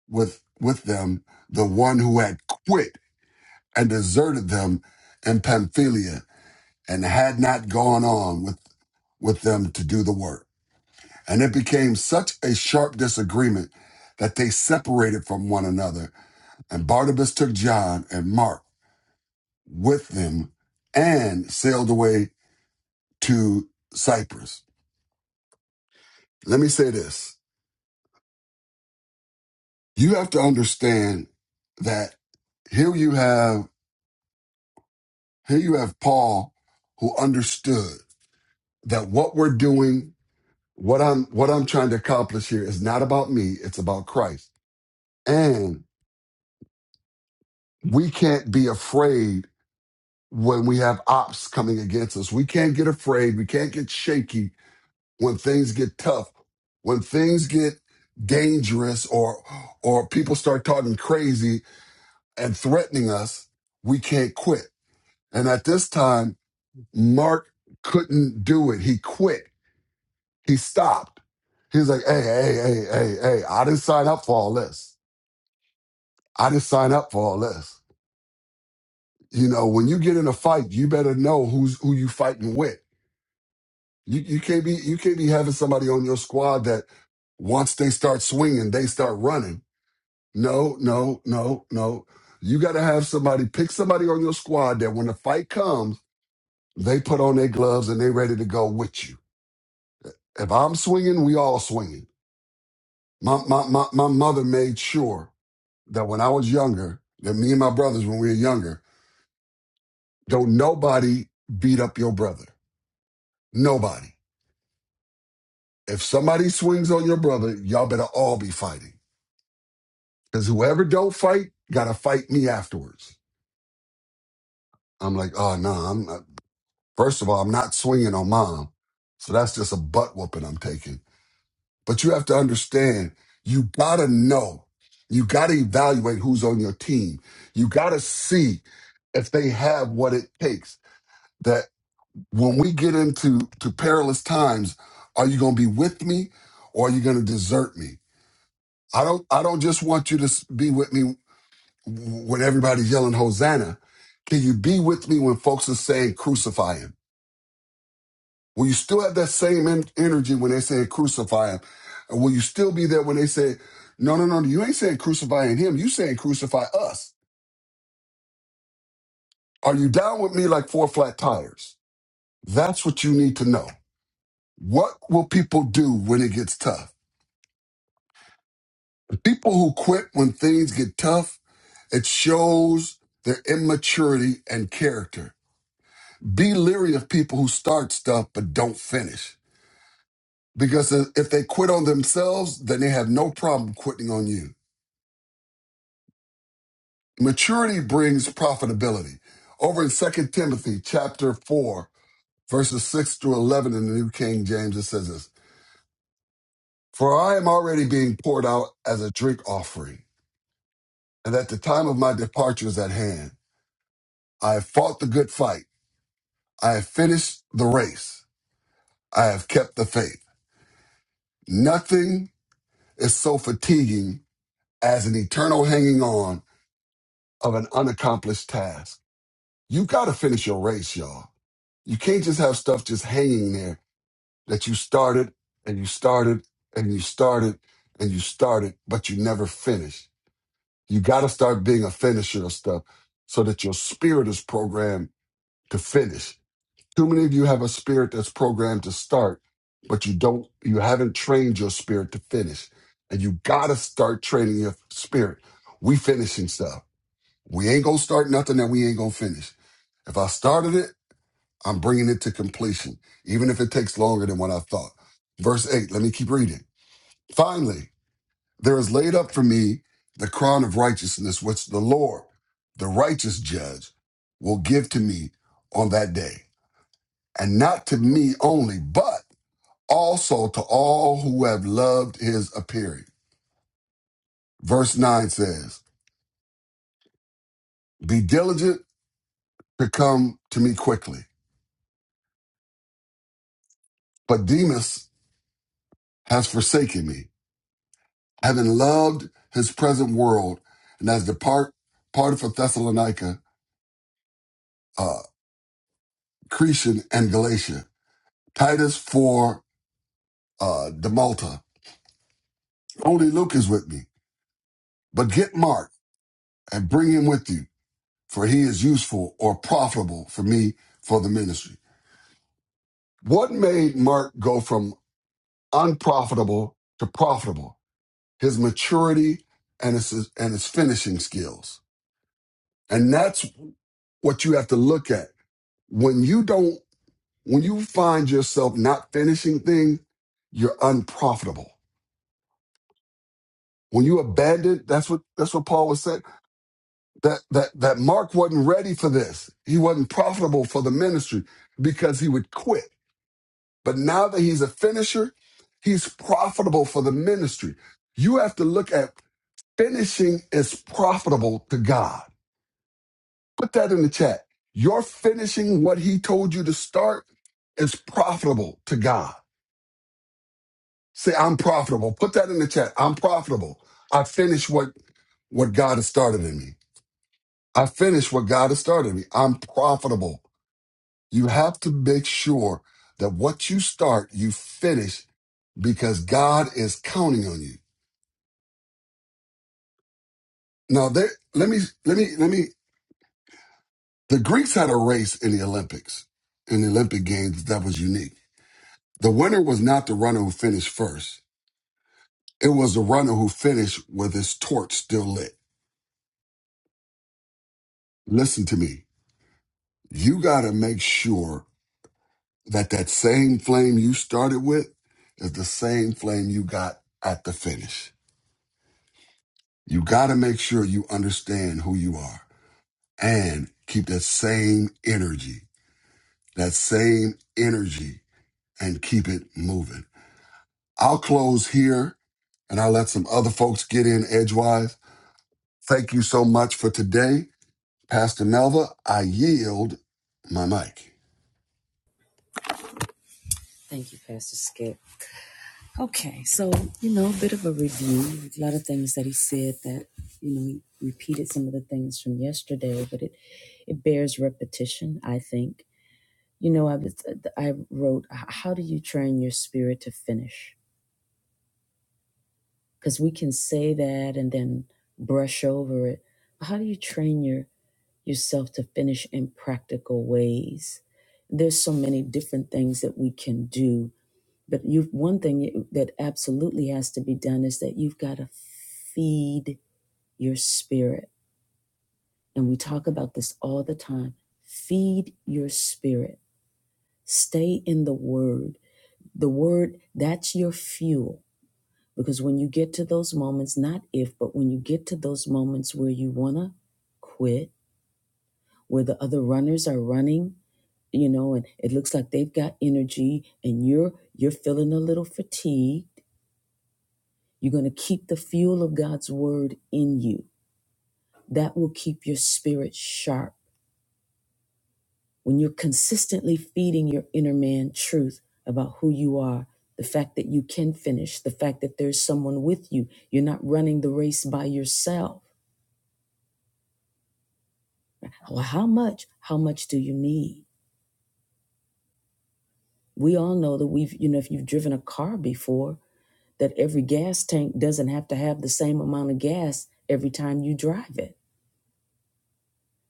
Speaker 5: with with them the one who had quit and deserted them in Pamphylia and had not gone on with, with them to do the work. And it became such a sharp disagreement that they separated from one another. And Barnabas took John and Mark with them and sailed away to Cyprus. Let me say this. You have to understand that here you have here you have Paul who understood that what we're doing, what I'm what I'm trying to accomplish here is not about me, it's about Christ. And we can't be afraid when we have ops coming against us. We can't get afraid, we can't get shaky when things get tough, when things get dangerous or or people start talking crazy and threatening us, we can't quit. And at this time, Mark couldn't do it. He quit. He stopped. He was like, hey, hey, hey, hey, hey, I didn't sign up for all this. I didn't sign up for all this. You know, when you get in a fight, you better know who's who you fighting with. You, you can't be you can't be having somebody on your squad that once they start swinging, they start running. No, no, no, no. You got to have somebody pick somebody on your squad that when the fight comes They put on their gloves and they ready to go with you. If I'm swinging, we all swinging. My, my, my, my mother made sure that when I was younger, that me and my brothers, when we were younger, don't nobody beat up your brother. Nobody. If somebody swings on your brother, y'all better all be fighting. Because whoever don't fight, gotta fight me afterwards. I'm like, oh, no, I'm not. First of all, I'm not swinging on mom. So that's just a butt whooping I'm taking. But you have to understand, you gotta know, you gotta evaluate who's on your team. You gotta see if they have what it takes. That when we get into to perilous times, are you gonna be with me or are you gonna desert me? I don't I don't just want you to s- be with me when everybody's yelling Hosanna. Can you be with me when folks are saying crucify him? Will you still have that same en- energy when they say crucify him? And will you still be there when they say no, no, no, you ain't saying crucifying him. You saying crucify us. Are you down with me like four flat tires? That's what you need to know. What will people do when it gets tough? The people who quit when things get tough, it shows their immaturity and character. Be leery of people who start stuff but don't finish. Because if they quit on themselves, then they have no problem quitting on you. Maturity brings profitability. Over in Second Timothy chapter 4, verses 6 through 11 in the New King James, it says this, For I am already being poured out as a drink offering, and at the time of my departure is at hand. I have fought the good fight. I have finished the race. I have kept the faith. Nothing is so fatiguing as an eternal hanging on of an unaccomplished task. You gotta finish your race, y'all. You can't just have stuff just hanging there that you started and you started and you started and you started, but you never finished. You got to start being a finisher of stuff so that your spirit is programmed to finish. Too many of you have a spirit that's programmed to start, but you don't, you haven't trained your spirit to finish. And you got to start training your spirit. We finishing stuff. We ain't going to start nothing that we ain't going to finish. If I started it I'm bringing it to completion, even if it takes longer than what I thought. Verse 8, let me keep reading. Finally, there is laid up for me the crown of righteousness, which the Lord, the righteous judge, will give to me on that day. And not to me only, but also to all who have loved his appearing. Verse 9 says, Be diligent to come to me quickly, but Demas has forsaken me having loved his present world, and has depart, departed for Thessalonica, uh, Cretan, and Galatia. Titus for uh, Demolta. Only Luke is with me. But get Mark and bring him with you, for he is useful or profitable for me for the ministry. What made Mark go from unprofitable to profitable? His maturity and his, and his finishing skills. And that's what you have to look at. When you don't When you find yourself not finishing things, you're unprofitable. When you abandon, that's what that's what Paul was saying. That that that Mark wasn't ready for this. He wasn't profitable for the ministry because he would quit. But now that he's a finisher, he's profitable for the ministry. You have to look at finishing is profitable to God. Put that in the chat. You're finishing what he told you to start is profitable to God. Say, I'm profitable. Put that in the chat. I'm profitable. I finish what, what God has started in me. I finish what God has started in me. I'm profitable. You have to make sure that what you start, you finish because God is counting on you. Now, there, let me, let me, let me, the Greeks had a race in the Olympics, in the Olympic Games that was unique. The winner was not the runner who finished first. It was the runner who finished with his torch still lit. Listen to me. you got to make sure that that same flame you started with is the same flame you got at the finish. You got to make sure you understand who you are and keep that same energy, that same energy and keep it moving. I'll close here and I'll let some other folks get in edgewise. Thank you so much for today. Pastor Melva, I yield my mic.
Speaker 1: Thank you, Pastor Skip. Okay, so, you know, a bit of a review. A lot of things that he said that, you know, he repeated some of the things from yesterday, but it, it bears repetition, I think. You know, I, was, uh, I wrote, "H- How do you train your spirit to finish? Because we can say that and then brush over it. How do you train your yourself to finish in practical ways? There's so many different things that we can do But you have one thing that absolutely has to be done is that you've got to feed your spirit. And we talk about this all the time. Feed your spirit. Stay in the word. The word, that's your fuel. Because when you get to those moments, not if, but when you get to those moments where you want to quit, where the other runners are running, you know, and it looks like they've got energy and you're you're feeling a little fatigue. You're going to keep the fuel of God's word in you. That will keep your spirit sharp. When you're consistently feeding your inner man truth about who you are, the fact that you can finish, the fact that there's someone with you, you're not running the race by yourself. Well, how much? How much do you need? We all know that we've, you know, if you've driven a car before, that every gas tank doesn't have to have the same amount of gas every time you drive it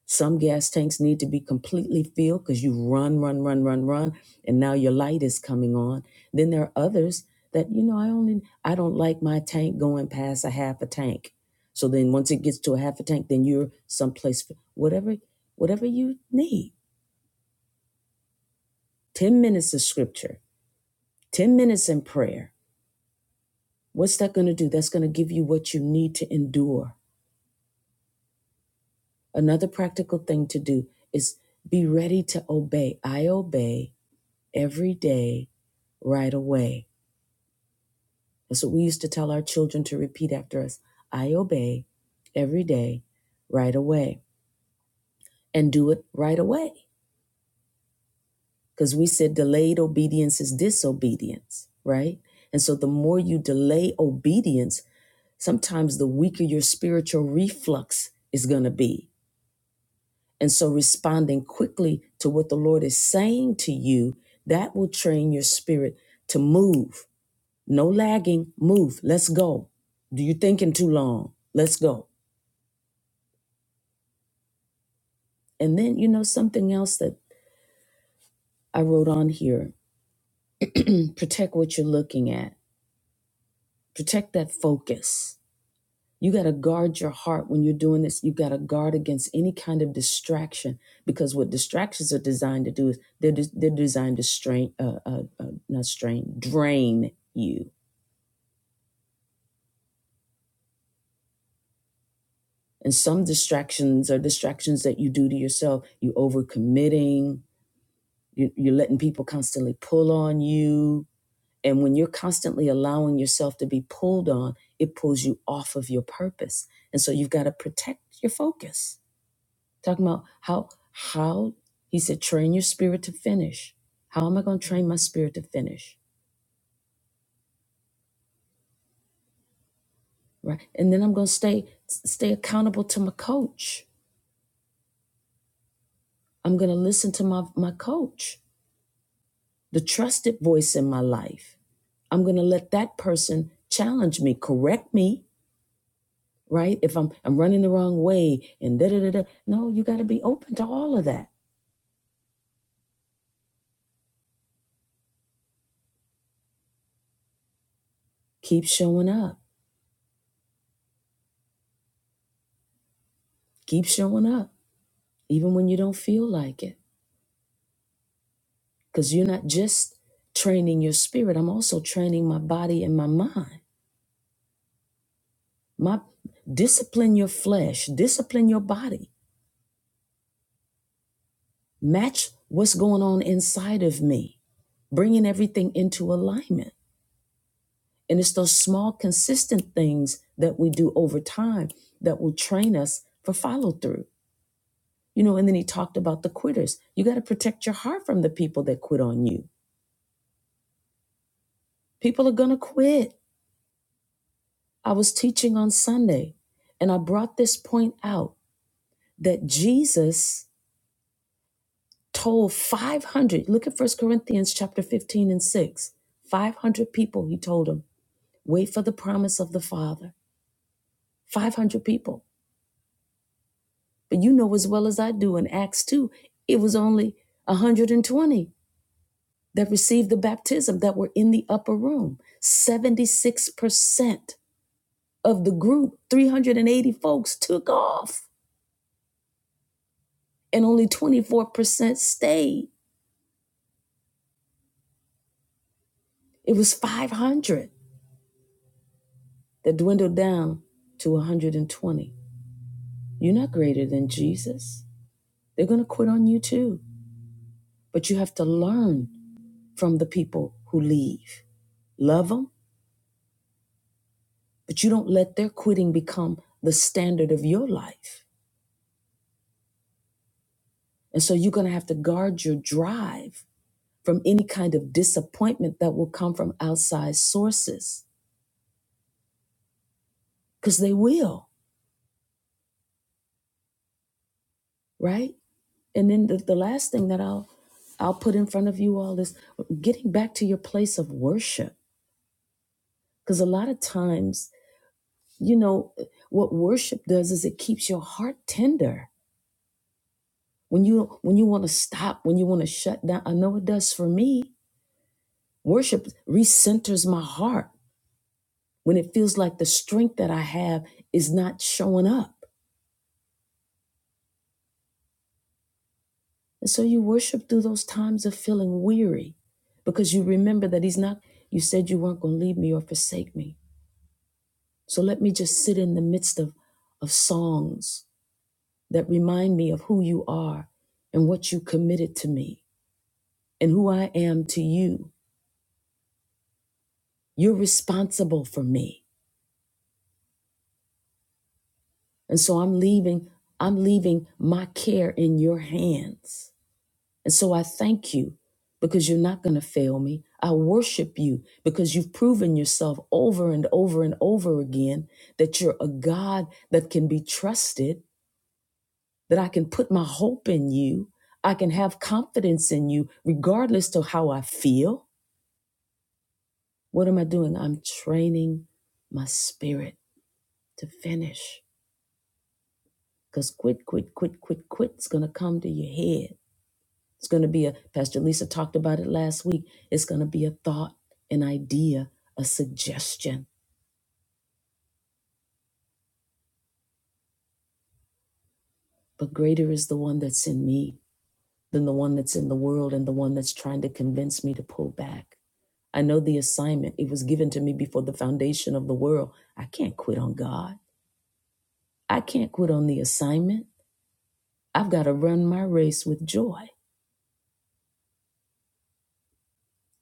Speaker 1: Some gas tanks need to be completely filled because you run, run, run, run, run, and now your light is coming on. Then there are others that you know I only I don't like my tank going past a half a tank. So then once it gets to a half a tank, then you're someplace whatever whatever you need. Ten minutes of scripture, ten minutes in prayer. What's that going to do? That's going to give you what you need to endure. Another practical thing to do is be ready to obey. I obey every day right away. That's what we used to tell our children to repeat after us I obey every day, right away, and do it right away. Because we said delayed obedience is disobedience, right? And so the more you delay obedience, sometimes the weaker your spiritual reflux is going to be. And so responding quickly to what the Lord is saying to you, that will train your spirit to move No lagging. Move. Let's go. Do you thinking too long? Let's go. And then, you know, something else that I wrote on here protect what you're looking at, protect that focus. You got to guard your heart when you're doing this. You got to guard against any kind of distraction because what distractions are designed to do is they're, des- they're designed to strain, uh, uh, uh, not strain, drain you. And some distractions are distractions that you do to yourself. You overcommitting, You, you're letting people constantly pull on you. And when you're constantly allowing yourself to be pulled on, it pulls you off of your purpose. And so you've got to protect your focus. Talking about how, how, he said, train your spirit to finish. How am I going to train my spirit to finish? Right. And then I'm going to stay, stay accountable to my coach. I'm going to listen to my, my coach, the trusted voice in my life. I'm going to let that person challenge me, correct me, right? If I'm I'm running the wrong way and da da da da. No, you got to be open to all of that. Keep showing up. Keep showing up, even when you don't feel like it, because you're not just training your spirit. I'm also training my body and my mind. My discipline your flesh, discipline your body. Match what's going on inside of me, bringing everything into alignment. And it's those small, consistent things that we do over time that will train us for follow through You know, and then he talked about the quitters. You got to protect your heart from the people that quit on you. People are going to quit. I was teaching on Sunday and I brought this point out that Jesus told 500, look at First Corinthians chapter 15 and 6. 500 people, he told them, wait for the promise of the Father. 500 people. But you know as well as I do in Acts 2, it was only 120 that received the baptism that were in the upper room. 76% of the group, 380 folks, took off, and only 24% stayed. It was 500 that dwindled down to 120. You're not greater than Jesus. They're going to quit on you too. But you have to learn from the people who leave. Love them, but you don't let their quitting become the standard of your life. And so you're going to have to guard your drive from any kind of disappointment that will come from outside sources because they will right and then the, the last thing that i'll i'll put in front of you all is getting back to your place of worship because a lot of times you know what worship does is it keeps your heart tender when you when you want to stop when you want to shut down i know it does for me worship recenters my heart when it feels like the strength that i have is not showing up And so you worship through those times of feeling weary because you remember that He's not, you said you weren't going to leave me or forsake me. So let me just sit in the midst of, of songs that remind me of who you are and what you committed to me and who I am to you. You're responsible for me. And so I'm leaving, I'm leaving my care in your hands. And so I thank you because you're not going to fail me. I worship you because you've proven yourself over and over and over again that you're a God that can be trusted, that I can put my hope in you. I can have confidence in you regardless to how I feel. What am I doing? I'm training my spirit to finish. Because quit, quit, quit, quit, quit is going to come to your head It's going to be a, Pastor Lisa talked about it last week. It's going to be a thought, an idea, a suggestion. But greater is the one that's in me than the one that's in the world and the one that's trying to convince me to pull back. I know the assignment. It was given to me before the foundation of the world. I can't quit on God. I can't quit on the assignment. I've got to run my race with joy.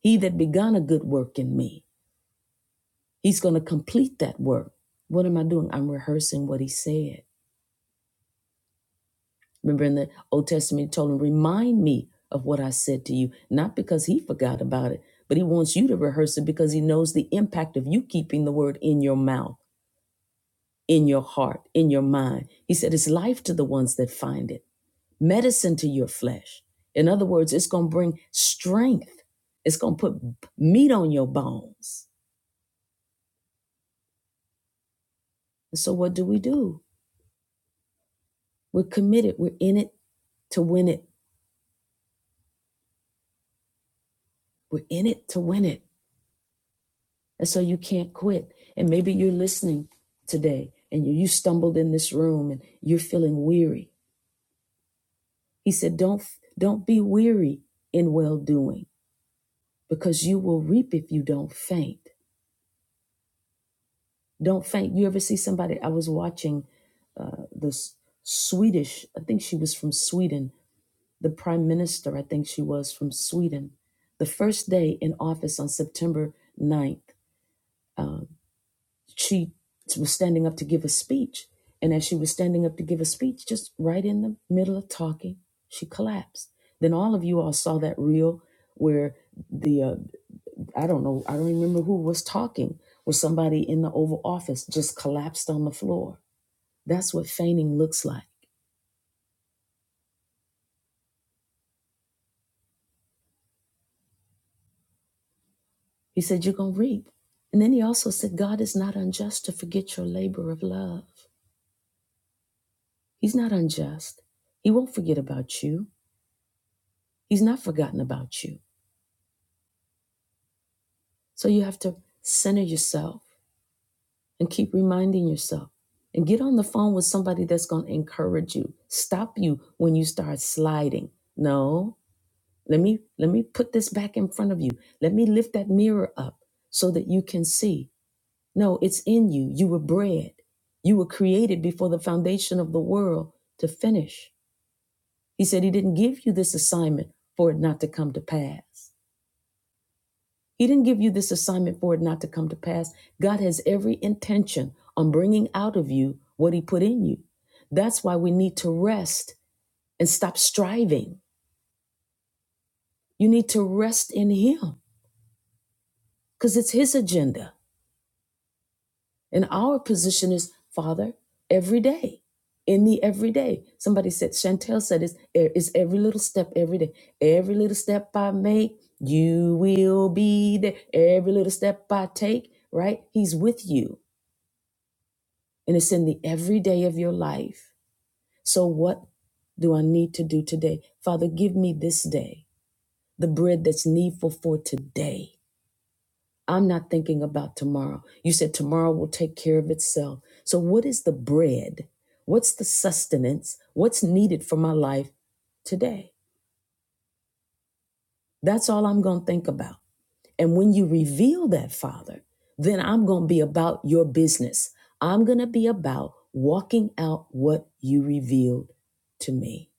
Speaker 1: He that begun a good work in me, he's going to complete that work. What am I doing? I'm rehearsing what he said. Remember in the Old Testament, he told him, Remind me of what I said to you, not because he forgot about it, but he wants you to rehearse it because he knows the impact of you keeping the word in your mouth, in your heart, in your mind. He said, It's life to the ones that find it, medicine to your flesh. In other words, it's going to bring strength, it's going to put meat on your bones. And so, what do we do? We're committed, we're in it to win it, we're in it to win it. And so you can't quit. And maybe you're listening today and you, you stumbled in this room and you're feeling weary. He said, don't, don't be weary in well doing because you will reap if you don't faint. Don't faint. You ever see somebody? I was watching uh, this Swedish, I think she was from Sweden, the prime minister, I think she was from Sweden. The first day in office on September 9th, she was standing up to give a speech. And as she was standing up to give a speech, just right in the middle of talking, she collapsed. Then all of you all saw that reel where the, uh, I don't know, I don't remember who was talking, where somebody in the Oval Office just collapsed on the floor. That's what feigning looks like. He said, You're going to reap. And then he also said, God is not unjust to forget your labor of love. He's not unjust. He won't forget about you. He's not forgotten about you. So you have to center yourself and keep reminding yourself and get on the phone with somebody that's going to encourage you, stop you when you start sliding. No, let me let me put this back in front of you. Let me lift that mirror up so that you can see. No, it's in you. You were bred. You were created before the foundation of the world to finish. He said he didn't give you this assignment for it not to come to pass. He didn't give you this assignment for it not to come to pass. God has every intention on bringing out of you what He put in you. That's why we need to rest and stop striving. You need to rest in Him because it's His agenda. And our position is, Father, every day, in the everyday. Somebody said, Chantel said, it's, e, it's every little step every day. Every little step I make, you will be there. Every little step I take, right? He's with you. and it's in the everyday of your life. So, what do I need to do today? Father, give me this day the bread that's needful for today. I'm not thinking about tomorrow. You said tomorrow will take care of itself. So, what is the bread? What's the sustenance? What's needed for my life today? That's all I'm going to think about. And when you reveal that, Father, then I'm going to be about your business. I'm going to be about walking out what you revealed to me.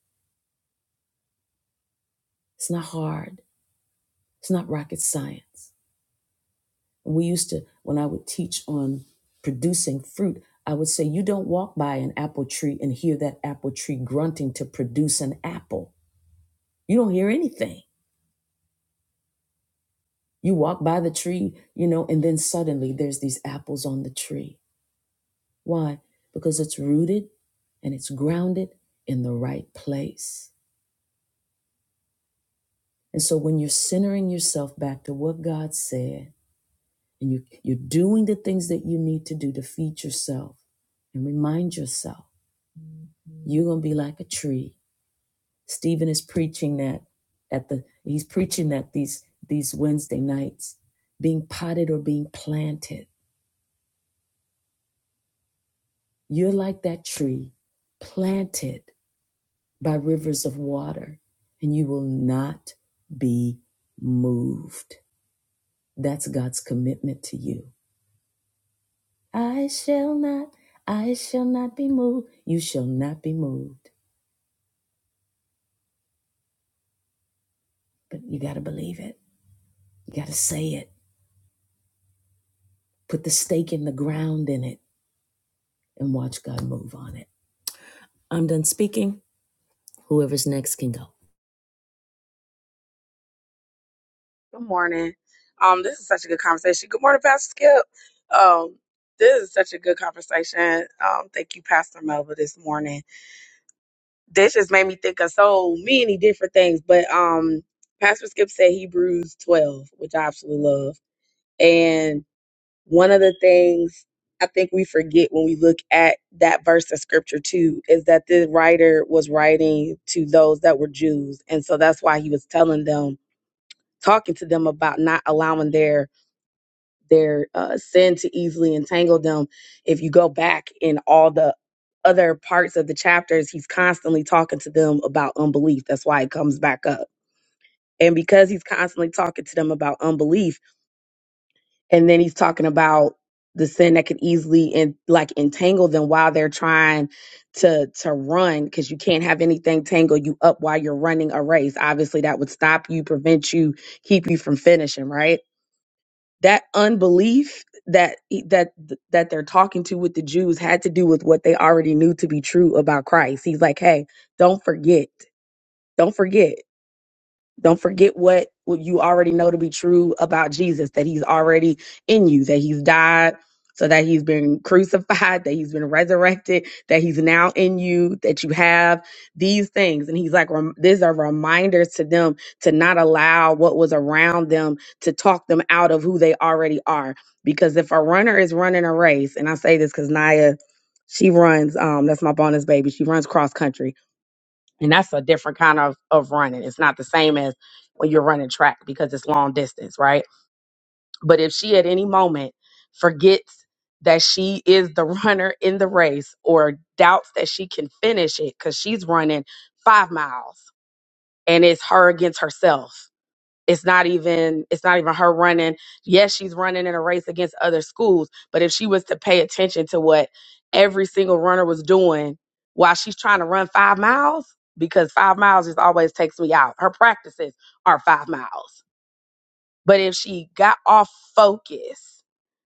Speaker 1: It's not hard, it's not rocket science. And we used to, when I would teach on producing fruit, I would say, You don't walk by an apple tree and hear that apple tree grunting to produce an apple. You don't hear anything. You walk by the tree, you know, and then suddenly there's these apples on the tree Why? Because it's rooted and it's grounded in the right place. And so when you're centering yourself back to what God said, and you, you're doing the things that you need to do to feed yourself and remind yourself, you're going to be like a tree. Stephen is preaching that at the, he's preaching that these, these Wednesday nights, being potted or being planted. You're like that tree planted by rivers of water, and you will not be moved. That's God's commitment to you. I shall not, I shall not be moved. You shall not be moved. But you got to believe it. You got to say it. Put the stake in the ground in it and watch God move on it. I'm done speaking. Whoever's next can go.
Speaker 6: Good morning. Um, this is such a good conversation. Good morning, Pastor Skip. Um, this is such a good conversation. Um, thank you, Pastor Melva, this morning. This just made me think of so many different things. But um, Pastor Skip said Hebrews 12, which I absolutely love. And one of the things I think we forget when we look at that verse of scripture too is that the writer was writing to those that were Jews. And so that's why he was telling them, talking to them about not allowing their their uh, sin to easily entangle them. If you go back in all the other parts of the chapters, he's constantly talking to them about unbelief. That's why it comes back up. And because he's constantly talking to them about unbelief, and then he's talking about the sin that could easily and like entangle them while they're trying to to run because you can't have anything tangle you up while you're running a race obviously that would stop you prevent you keep you from finishing right that unbelief that e, that that they're talking to with the Jews had to do with what they already knew to be true about Christ. He's like, "Hey, don't forget. Don't forget. Don't forget what, what you already know to be true about Jesus that he's already in you, that he's died, so that he's been crucified, that he's been resurrected, that he's now in you, that you have these things. And he's like, rem- these are reminders to them to not allow what was around them to talk them out of who they already are. Because if a runner is running a race, and I say this because Naya, she runs, um, that's my bonus baby, she runs cross country and that's a different kind of of running it's not the same as when you're running track because it's long distance right but if she at any moment forgets that she is the runner in the race or doubts that she can finish it because she's running five miles and it's her against herself it's not even it's not even her running yes she's running in a race against other schools but if she was to pay attention to what every single runner was doing while she's trying to run five miles because five miles just always takes me out her practices are five miles but if she got off focus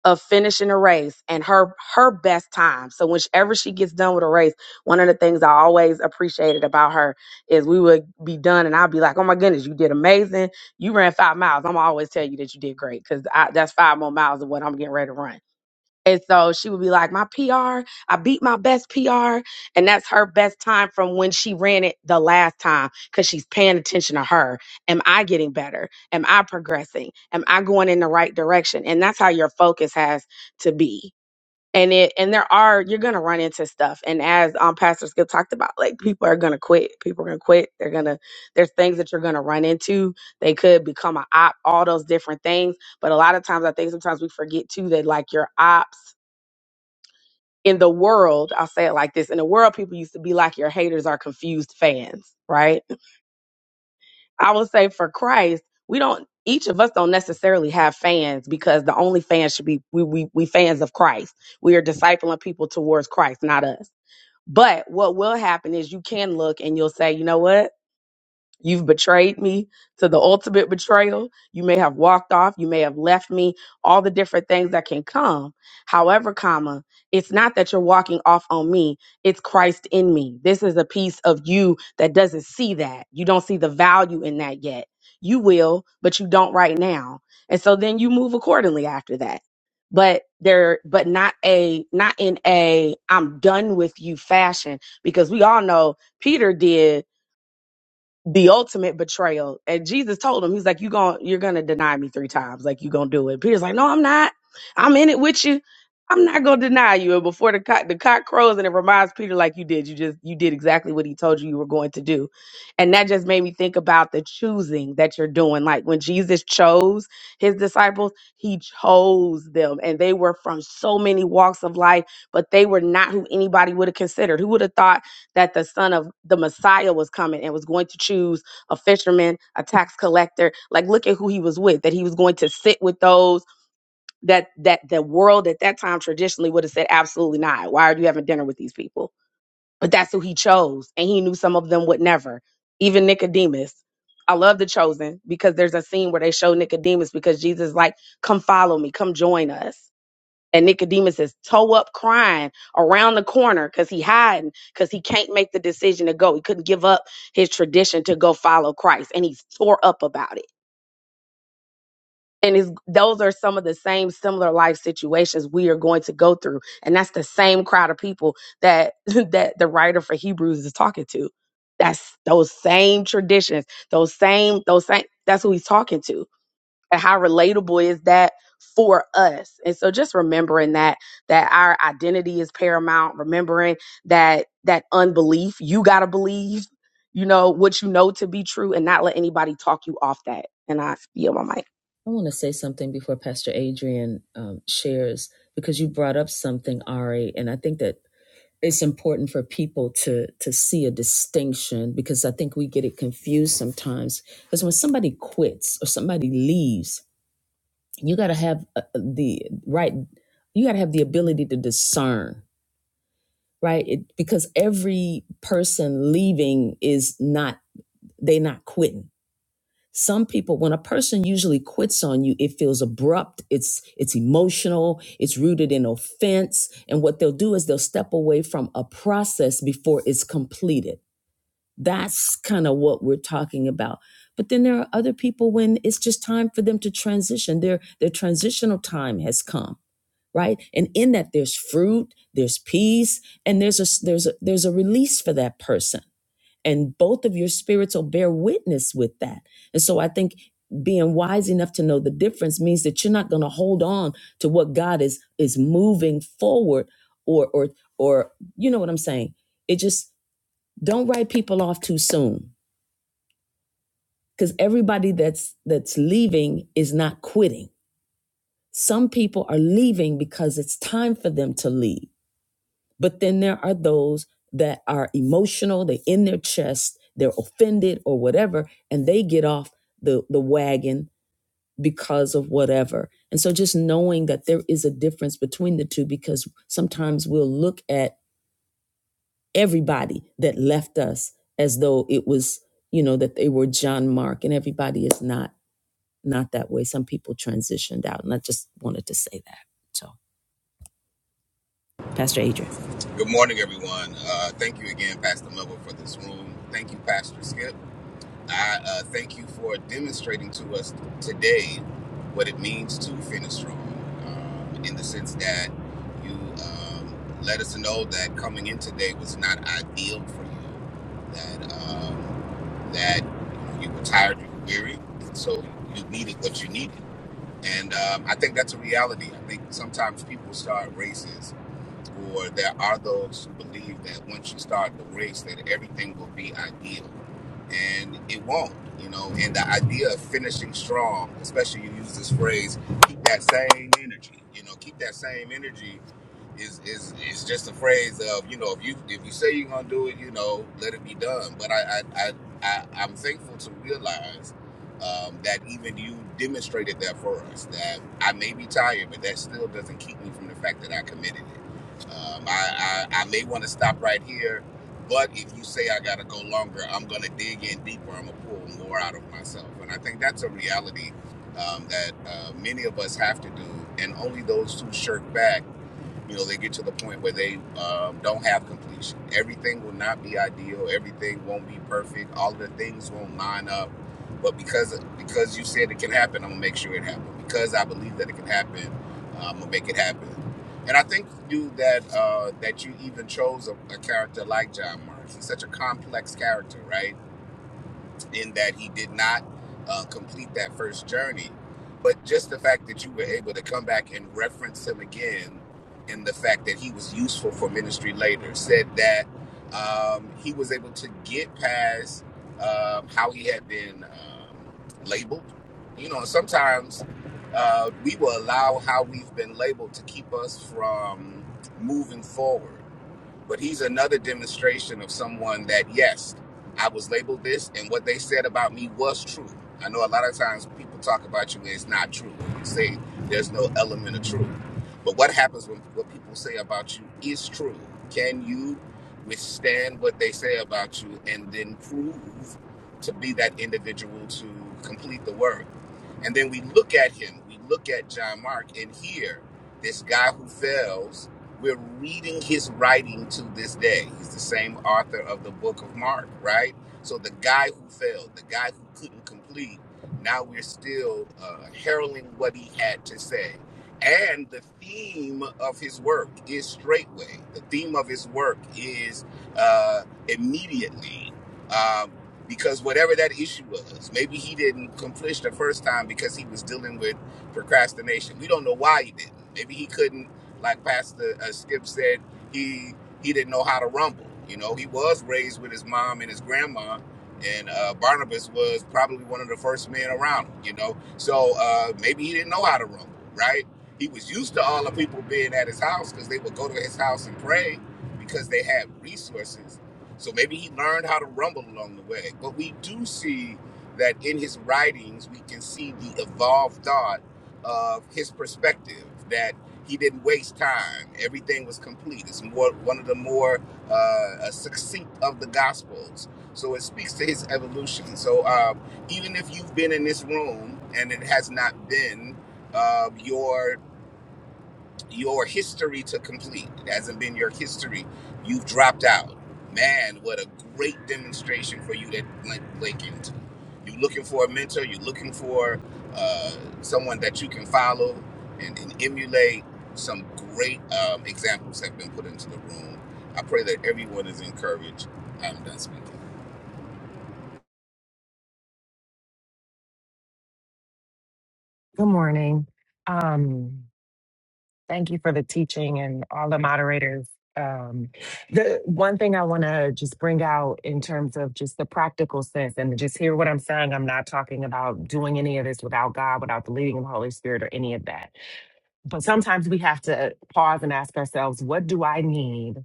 Speaker 6: of finishing a race and her her best time. So whenever she gets done with a race, one of the things I always appreciated about her is we would be done and I'd be like, "Oh my goodness, you did amazing! You ran five miles." I'm always tell you that you did great because that's five more miles of what I'm getting ready to run. And so she would be like, My PR, I beat my best PR. And that's her best time from when she ran it the last time because she's paying attention to her. Am I getting better? Am I progressing? Am I going in the right direction? And that's how your focus has to be. And it and there are you're gonna run into stuff. And as um Pastor Skip talked about, like people are gonna quit. People are gonna quit. They're gonna there's things that you're gonna run into. They could become an op, all those different things. But a lot of times I think sometimes we forget too that like your ops in the world, I'll say it like this in the world, people used to be like, your haters are confused fans, right? I would say for Christ, we don't, each of us don't necessarily have fans because the only fans should be, we, we, we fans of Christ. We are discipling people towards Christ, not us. But what will happen is you can look and you'll say, you know what? You've betrayed me to the ultimate betrayal. You may have walked off. You may have left me. All the different things that can come. However, comma, it's not that you're walking off on me. It's Christ in me. This is a piece of you that doesn't see that. You don't see the value in that yet. You will, but you don't right now. And so then you move accordingly after that. But there, but not a, not in a, I'm done with you fashion because we all know Peter did the ultimate betrayal. And Jesus told him, He's like, You going you're gonna deny me three times, like you gonna do it. Peter's like, No, I'm not. I'm in it with you. I'm not gonna deny you. And before the cock the cock crows and it reminds Peter like you did, you just you did exactly what he told you you were going to do. And that just made me think about the choosing that you're doing. Like when Jesus chose his disciples, he chose them and they were from so many walks of life, but they were not who anybody would have considered. Who would have thought that the son of the Messiah was coming and was going to choose a fisherman, a tax collector. Like look at who he was with, that he was going to sit with those that that the world at that time traditionally would have said absolutely not. Why are you having dinner with these people? But that's who he chose and he knew some of them would never. Even Nicodemus. I love the chosen because there's a scene where they show Nicodemus because Jesus is like, come follow me, come join us and Nicodemus is toe up crying around the corner because he hiding, because he can't make the decision to go. He couldn't give up his tradition to go follow Christ. And he's tore up about it. And it's, those are some of the same similar life situations we are going to go through. And that's the same crowd of people that that the writer for Hebrews is talking to. That's those same traditions, those same, those same, that's who he's talking to and how relatable is that for us and so just remembering that that our identity is paramount remembering that that unbelief you got to believe you know what you know to be true and not let anybody talk you off that and i feel my mic
Speaker 1: I want to say something before Pastor Adrian um, shares because you brought up something, Ari, and I think that it's important for people to to see a distinction because I think we get it confused sometimes. Because when somebody quits or somebody leaves, you got to have uh, uh, the right. You got to have the ability to discern, right? It, because every person leaving is not they not quitting some people when a person usually quits on you it feels abrupt it's it's emotional it's rooted in offense and what they'll do is they'll step away from a process before it's completed that's kind of what we're talking about but then there are other people when it's just time for them to transition their their transitional time has come right and in that there's fruit there's peace and there's a there's a there's a release for that person and both of your spirits will bear witness with that. And so I think being wise enough to know the difference means that you're not going to hold on to what God is is moving forward or or or you know what I'm saying? It just don't write people off too soon cuz everybody that's that's leaving is not quitting. Some people are leaving because it's time for them to leave But then there are those that are emotional, they're in their chest, they're offended or whatever, and they get off the, the wagon because of whatever. And so just knowing that there is a difference between the two because sometimes we'll look at everybody that left us as though it was, you know, that they were John Mark and everybody is not not that way. Some people transitioned out. And I just wanted to say that. So Pastor Adrian.
Speaker 7: Good morning, everyone. Uh, thank you again, Pastor Melville, for this room. Thank you, Pastor Skip. I uh, thank you for demonstrating to us today what it means to finish strong, um, in the sense that you um, let us know that coming in today was not ideal for you, that um, that you were tired, you were weary, and so you needed what you needed. And um, I think that's a reality. I think sometimes people start races or there are those who believe that once you start the race that everything will be ideal and it won't you know and the idea of finishing strong especially you use this phrase keep that same energy you know keep that same energy is is is just a phrase of you know if you if you say you're gonna do it you know let it be done but i i, I, I i'm thankful to realize um, that even you demonstrated that for us that i may be tired but that still doesn't keep me from the fact that i committed it um, I, I, I may want to stop right here, but if you say I got to go longer, I'm going to dig in deeper. I'm going to pull more out of myself. And I think that's a reality um, that uh, many of us have to do. And only those who shirk back, you know, they get to the point where they um, don't have completion. Everything will not be ideal. Everything won't be perfect. All of the things won't line up. But because because you said it can happen, I'm gonna make sure it happens. Because I believe that it can happen, I'm gonna make it happen. And I think you that uh, that you even chose a, a character like John Mark. He's such a complex character, right? fault in that he did not uh, complete that first journey. But just the fact that you were able to come back and reference him again, and the fact that he was useful for ministry later, said that um, he was able to get past um, how he had been um, labeled. You know, sometimes uh, we will allow how we've been labeled to keep us from moving forward but he's another demonstration of someone that yes i was labeled this and what they said about me was true i know a lot of times people talk about you and it's not true you say there's no element of truth but what happens when what people say about you is true can you withstand what they say about you and then prove to be that individual to complete the work and then we look at him we look at john mark and here this guy who fails we're reading his writing to this day. He's the same author of the book of Mark, right? So the guy who failed, the guy who couldn't complete, now we're still uh, heralding what he had to say. And the theme of his work is straightway. The theme of his work is uh, immediately. Um, because whatever that issue was, maybe he didn't complete the first time because he was dealing with procrastination. We don't know why he didn't. Maybe he couldn't like Pastor uh, Skip said, he he didn't know how to rumble. You know, he was raised with his mom and his grandma, and uh, Barnabas was probably one of the first men around him. You know, so uh, maybe he didn't know how to rumble, right? He was used to all the people being at his house because they would go to his house and pray because they had resources. So maybe he learned how to rumble along the way. But we do see that in his writings, we can see the evolved thought of his perspective that he didn't waste time. Everything was complete. It's more one of the more uh, uh, succinct of the Gospels. So it speaks to his evolution. So um, even if you've been in this room and it has not been uh, your your history to complete. It hasn't been your history. You've dropped out. Man, what a great demonstration for you to link, link into. You're looking for a mentor. You're looking for uh, someone that you can follow and, and emulate. Some great um, examples have been put into the room. I pray that everyone is encouraged. I'm done speaking.
Speaker 8: Good morning. Um, thank you for the teaching and all the moderators. Um, the one thing I want to just bring out in terms of just the practical sense and just hear what I'm saying. I'm not talking about doing any of this without God, without the leading of the Holy Spirit or any of that. But sometimes we have to pause and ask ourselves, what do I need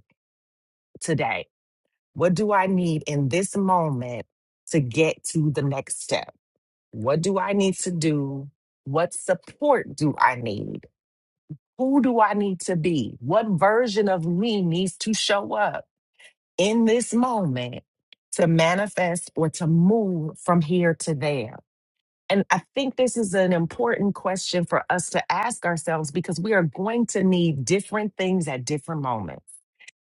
Speaker 8: today? What do I need in this moment to get to the next step? What do I need to do? What support do I need? Who do I need to be? What version of me needs to show up in this moment to manifest or to move from here to there? And I think this is an important question for us to ask ourselves because we are going to need different things at different moments.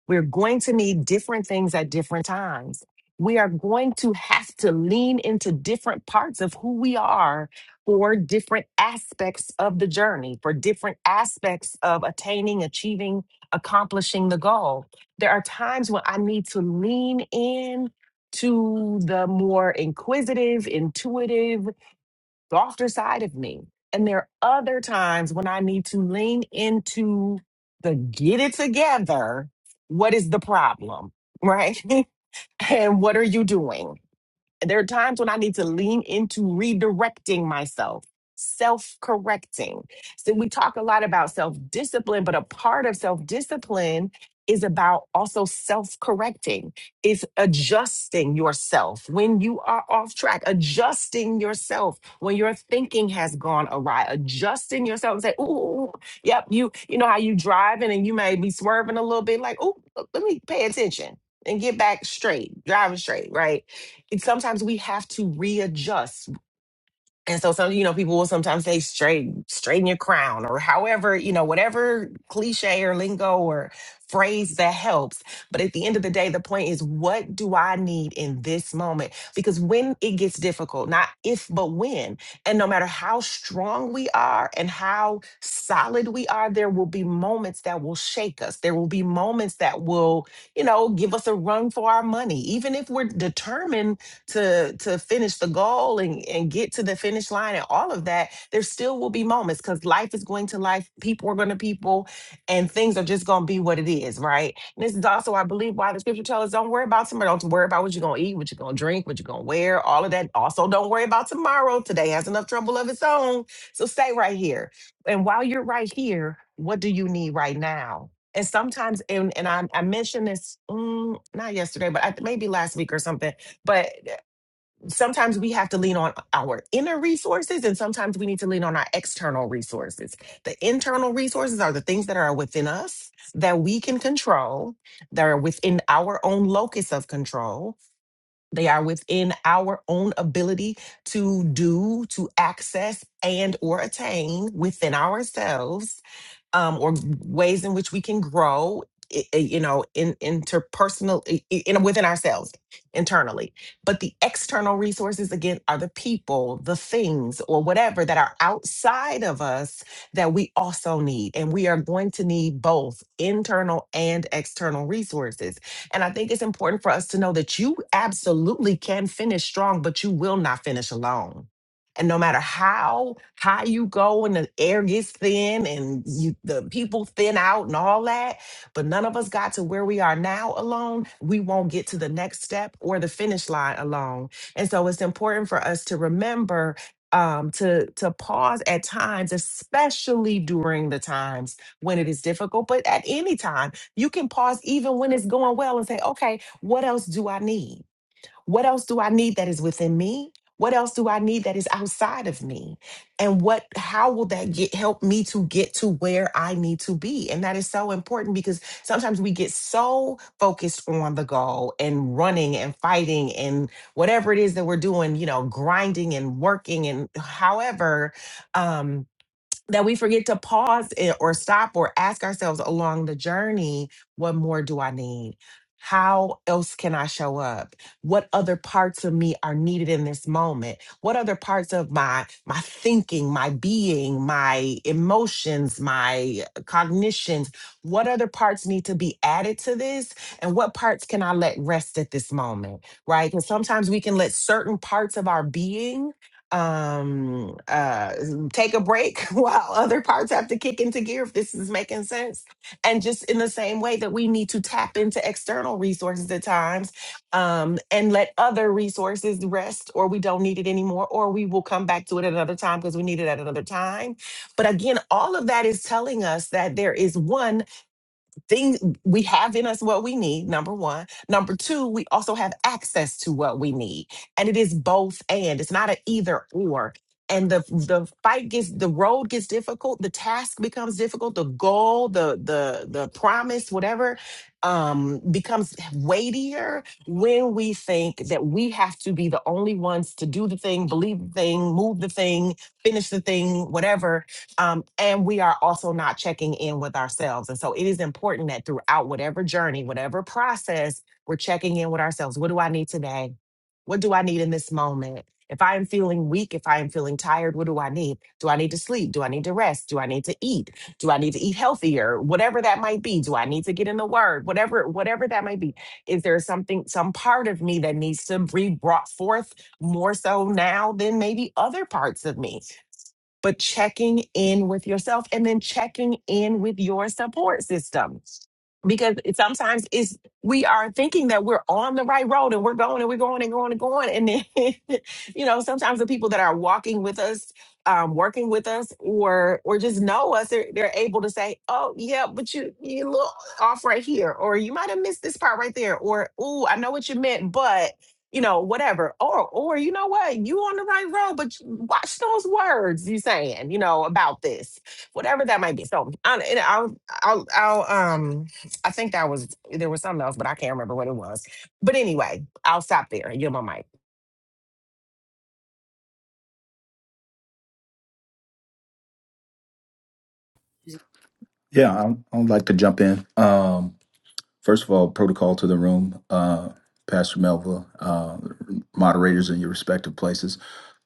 Speaker 8: We're going to need different things at different times. We are going to have to lean into different parts of who we are for different aspects of the journey, for different aspects of attaining, achieving, accomplishing the goal. There are times when I need to lean in to the more inquisitive, intuitive, softer side of me. And there are other times when I need to lean into the get it together. What is the problem? Right. and what are you doing? There are times when I need to lean into redirecting myself, self correcting. So we talk a lot about self discipline, but a part of self discipline is about also self correcting. It's adjusting yourself when you are off track, adjusting yourself when your thinking has gone awry, adjusting yourself and say, ooh, ooh, ooh, yep, you, you know how you driving and you may be swerving a little bit like, ooh, let me pay attention and get back straight, driving straight, right? sometimes we have to readjust. And so some, you know, people will sometimes say straight, straighten your crown or however, you know, whatever cliche or lingo or phrase that helps. But at the end of the day, the point is what do I need in this moment? Because when it gets difficult, not if but when, and no matter how strong we are and how solid we are, there will be moments that will shake us. There will be moments that will, you know, give us a run for our money. Even if we're determined to to finish the goal and and get to the finish line and all of that there still will be moments because life is going to life people are going to people and things are just going to be what it is right and this is also i believe why the scripture tells us don't worry about tomorrow don't worry about what you're going to eat what you're going to drink what you're going to wear all of that also don't worry about tomorrow today has enough trouble of its own so stay right here and while you're right here what do you need right now and sometimes and, and I, I mentioned this mm, not yesterday but I, maybe last week or something but sometimes we have to lean on our inner resources and sometimes we need to lean on our external resources. The internal resources are the things that are within us that we can control, that are within our own locus of control. They are within our own ability to do, to access and or attain within ourselves um, or ways in which we can grow i- i- you know in interpersonal i- i- in within ourselves internally but the external resources again are the people the things or whatever that are outside of us that we also need and we are going to need both internal and external resources and i think it's important for us to know that you absolutely can finish strong but you will not finish alone and no matter how high you go and the air gets thin and you, the people thin out and all that but none of us got to where we are now alone we won't get to the next step or the finish line alone and so it's important for us to remember um, to to pause at times, especially during the times when it is difficult, but at any time you can pause even when it's going well and say, "Okay, what else do I need?" What else do I need that is within me? What else do I need that is outside of me? And what how will that get help me to get to where I need to be? And that is so important because sometimes we get so focused on the goal and running and fighting and whatever it is that we're doing, you know, grinding and working and however um, that we forget to pause it or stop or ask ourselves along the journey what more do I need? How else can I show up? What other parts of me are needed in this moment? What other parts of my my thinking, my being, my emotions, my cognitions, what other parts need to be added to this and what parts can I let rest at this moment, right? Cuz sometimes we can let certain parts of our being um uh take a break while other parts have to kick into gear if this is making sense. And just in the same way that we need to tap into external resources at times um, and let other resources rest or we don't need it anymore or we will come back to it at another time because we need it at another time. But again, all of that is telling us that there is one. Things we have in us what we need number one number two we also have access to what we need and it is both and it's not an either or and the the fight gets the road gets difficult the task becomes difficult the goal the the the promise whatever um becomes weightier when we think that we have to be the only ones to do the thing believe the thing move the thing finish the thing whatever um, and we are also not checking in with ourselves. And so it is important that throughout whatever journey, whatever process, we're checking in with ourselves. What do I need today? What do I need in this moment? If I am feeling weak, if I am feeling tired, what do I need? Do I need to sleep? Do I need to rest? Do I need to eat? Do I need to eat healthier? Whatever that might be. Do I need to get in the word? Whatever, whatever that might be. Is there something, some part of me that needs to be brought forth more so now than maybe other parts of me? but checking in with yourself and then checking in with your support system. Because it- sometimes it's we are thinking that we're on the right road and we're going and we're going and going and going. And then, you know, sometimes the people that are walking with us, um, working with us or or just know us, they're, they're able to say, Oh, yeah, but you you look off right here, or you might have missed this part right there, or ooh, I know what you meant, but you know, whatever. Or, or you know what, you on the right road, but you- watch those words you saying, you know, about this, whatever that might be. So, I, and I'll, I'll, I'll, um, I think that was there was something else, but I can't remember what it was. But anyway, I'll stop there. You are my mic.
Speaker 9: Yeah, I would like to jump in. Um, first of all, protocol to the room, uh, Pastor Melva, uh, moderators in your respective places.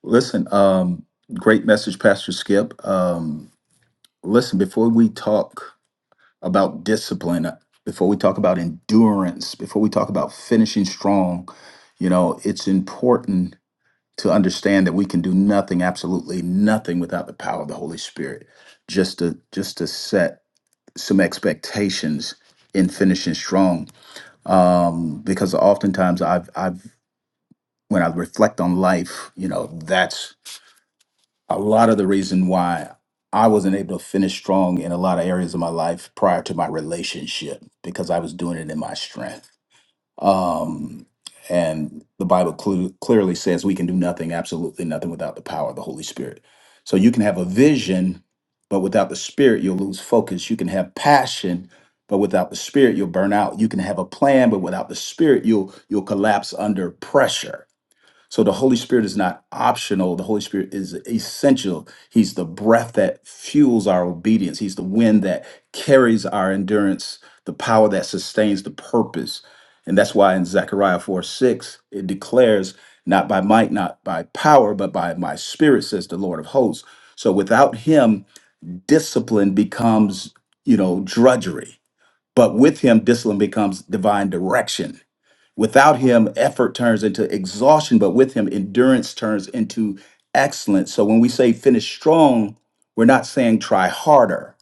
Speaker 9: Listen, um, great message, Pastor Skip. Um, listen, before we talk about discipline, before we talk about endurance, before we talk about finishing strong, you know, it's important to understand that we can do nothing, absolutely nothing, without the power of the Holy Spirit. Just to just to set some expectations in finishing strong um, because oftentimes I've I've when I reflect on life, you know, that's a lot of the reason why I wasn't able to finish strong in a lot of areas of my life prior to my relationship because I was doing it in my strength. Um, and the Bible clu- clearly says we can do nothing, absolutely nothing, without the power of the Holy Spirit. So you can have a vision, but without the Spirit, you'll lose focus. You can have passion, but without the Spirit, you'll burn out. You can have a plan, but without the Spirit, you'll you'll collapse under pressure so the Holy Spirit is not optional. The Holy Spirit is essential. He's the breath that fuels our obedience. He's the wind that carries our endurance, the power that sustains the purpose. And that's why in Zechariah 4 6, it declares, Not by might, not by power, but by my spirit, says the Lord of hosts. So without him, discipline becomes, you know, drudgery. But with him, discipline becomes divine direction. Without him, effort turns into exhaustion, but with him, endurance turns into excellence. So when we say finish strong, we're not saying try harder,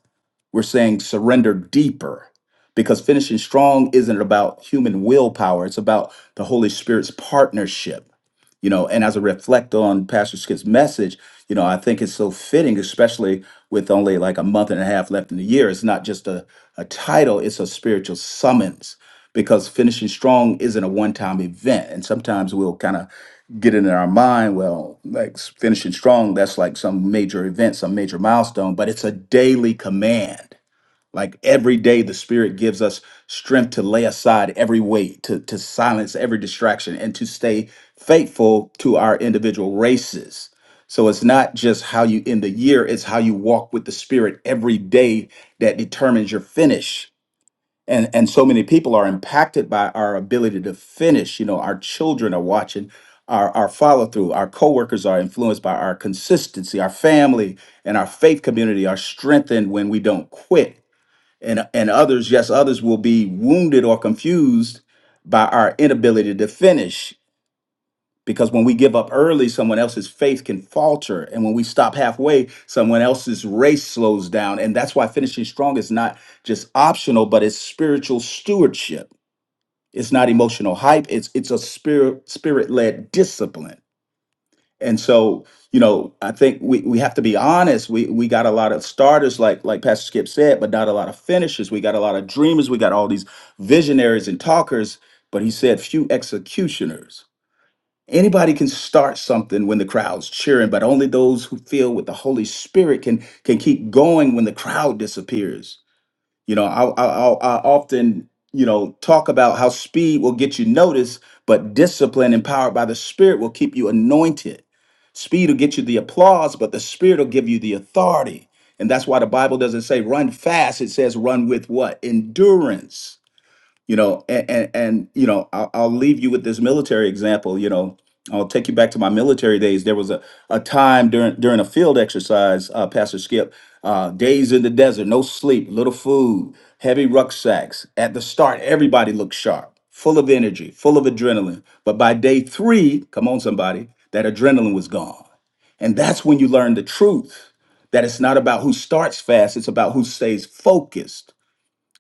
Speaker 9: we're saying surrender deeper. Because finishing strong isn't about human willpower, it's about the Holy Spirit's partnership you know and as i reflect on pastor skip's message you know i think it's so fitting especially with only like a month and a half left in the year it's not just a, a title it's a spiritual summons because finishing strong isn't a one-time event and sometimes we'll kind of get it in our mind well like s- finishing strong that's like some major event some major milestone but it's a daily command like every day, the Spirit gives us strength to lay aside every weight, to, to silence every distraction, and to stay faithful to our individual races. So it's not just how you end the year, it's how you walk with the Spirit every day that determines your finish. And, and so many people are impacted by our ability to finish. You know, our children are watching our, our follow through, our coworkers are influenced by our consistency, our family and our faith community are strengthened when we don't quit and and others yes others will be wounded or confused by our inability to finish because when we give up early someone else's faith can falter and when we stop halfway someone else's race slows down and that's why finishing strong is not just optional but it's spiritual stewardship it's not emotional hype it's it's a spirit spirit led discipline and so, you know, I think we, we have to be honest. We we got a lot of starters, like like Pastor Skip said, but not a lot of finishers. We got a lot of dreamers. We got all these visionaries and talkers, but he said few executioners. Anybody can start something when the crowd's cheering, but only those who feel with the Holy Spirit can can keep going when the crowd disappears. You know, I, I, I I often, you know, talk about how speed will get you noticed, but discipline empowered by the Spirit will keep you anointed. Speed will get you the applause, but the Spirit will give you the authority. And that's why the Bible doesn't say run fast, it says run with what? Endurance you know and and, and you know I'll, I'll leave you with this military example you know i'll take you back to my military days there was a, a time during during a field exercise uh, pastor skip uh, days in the desert no sleep little food heavy rucksacks at the start everybody looked sharp full of energy full of adrenaline but by day three come on somebody that adrenaline was gone and that's when you learn the truth that it's not about who starts fast it's about who stays focused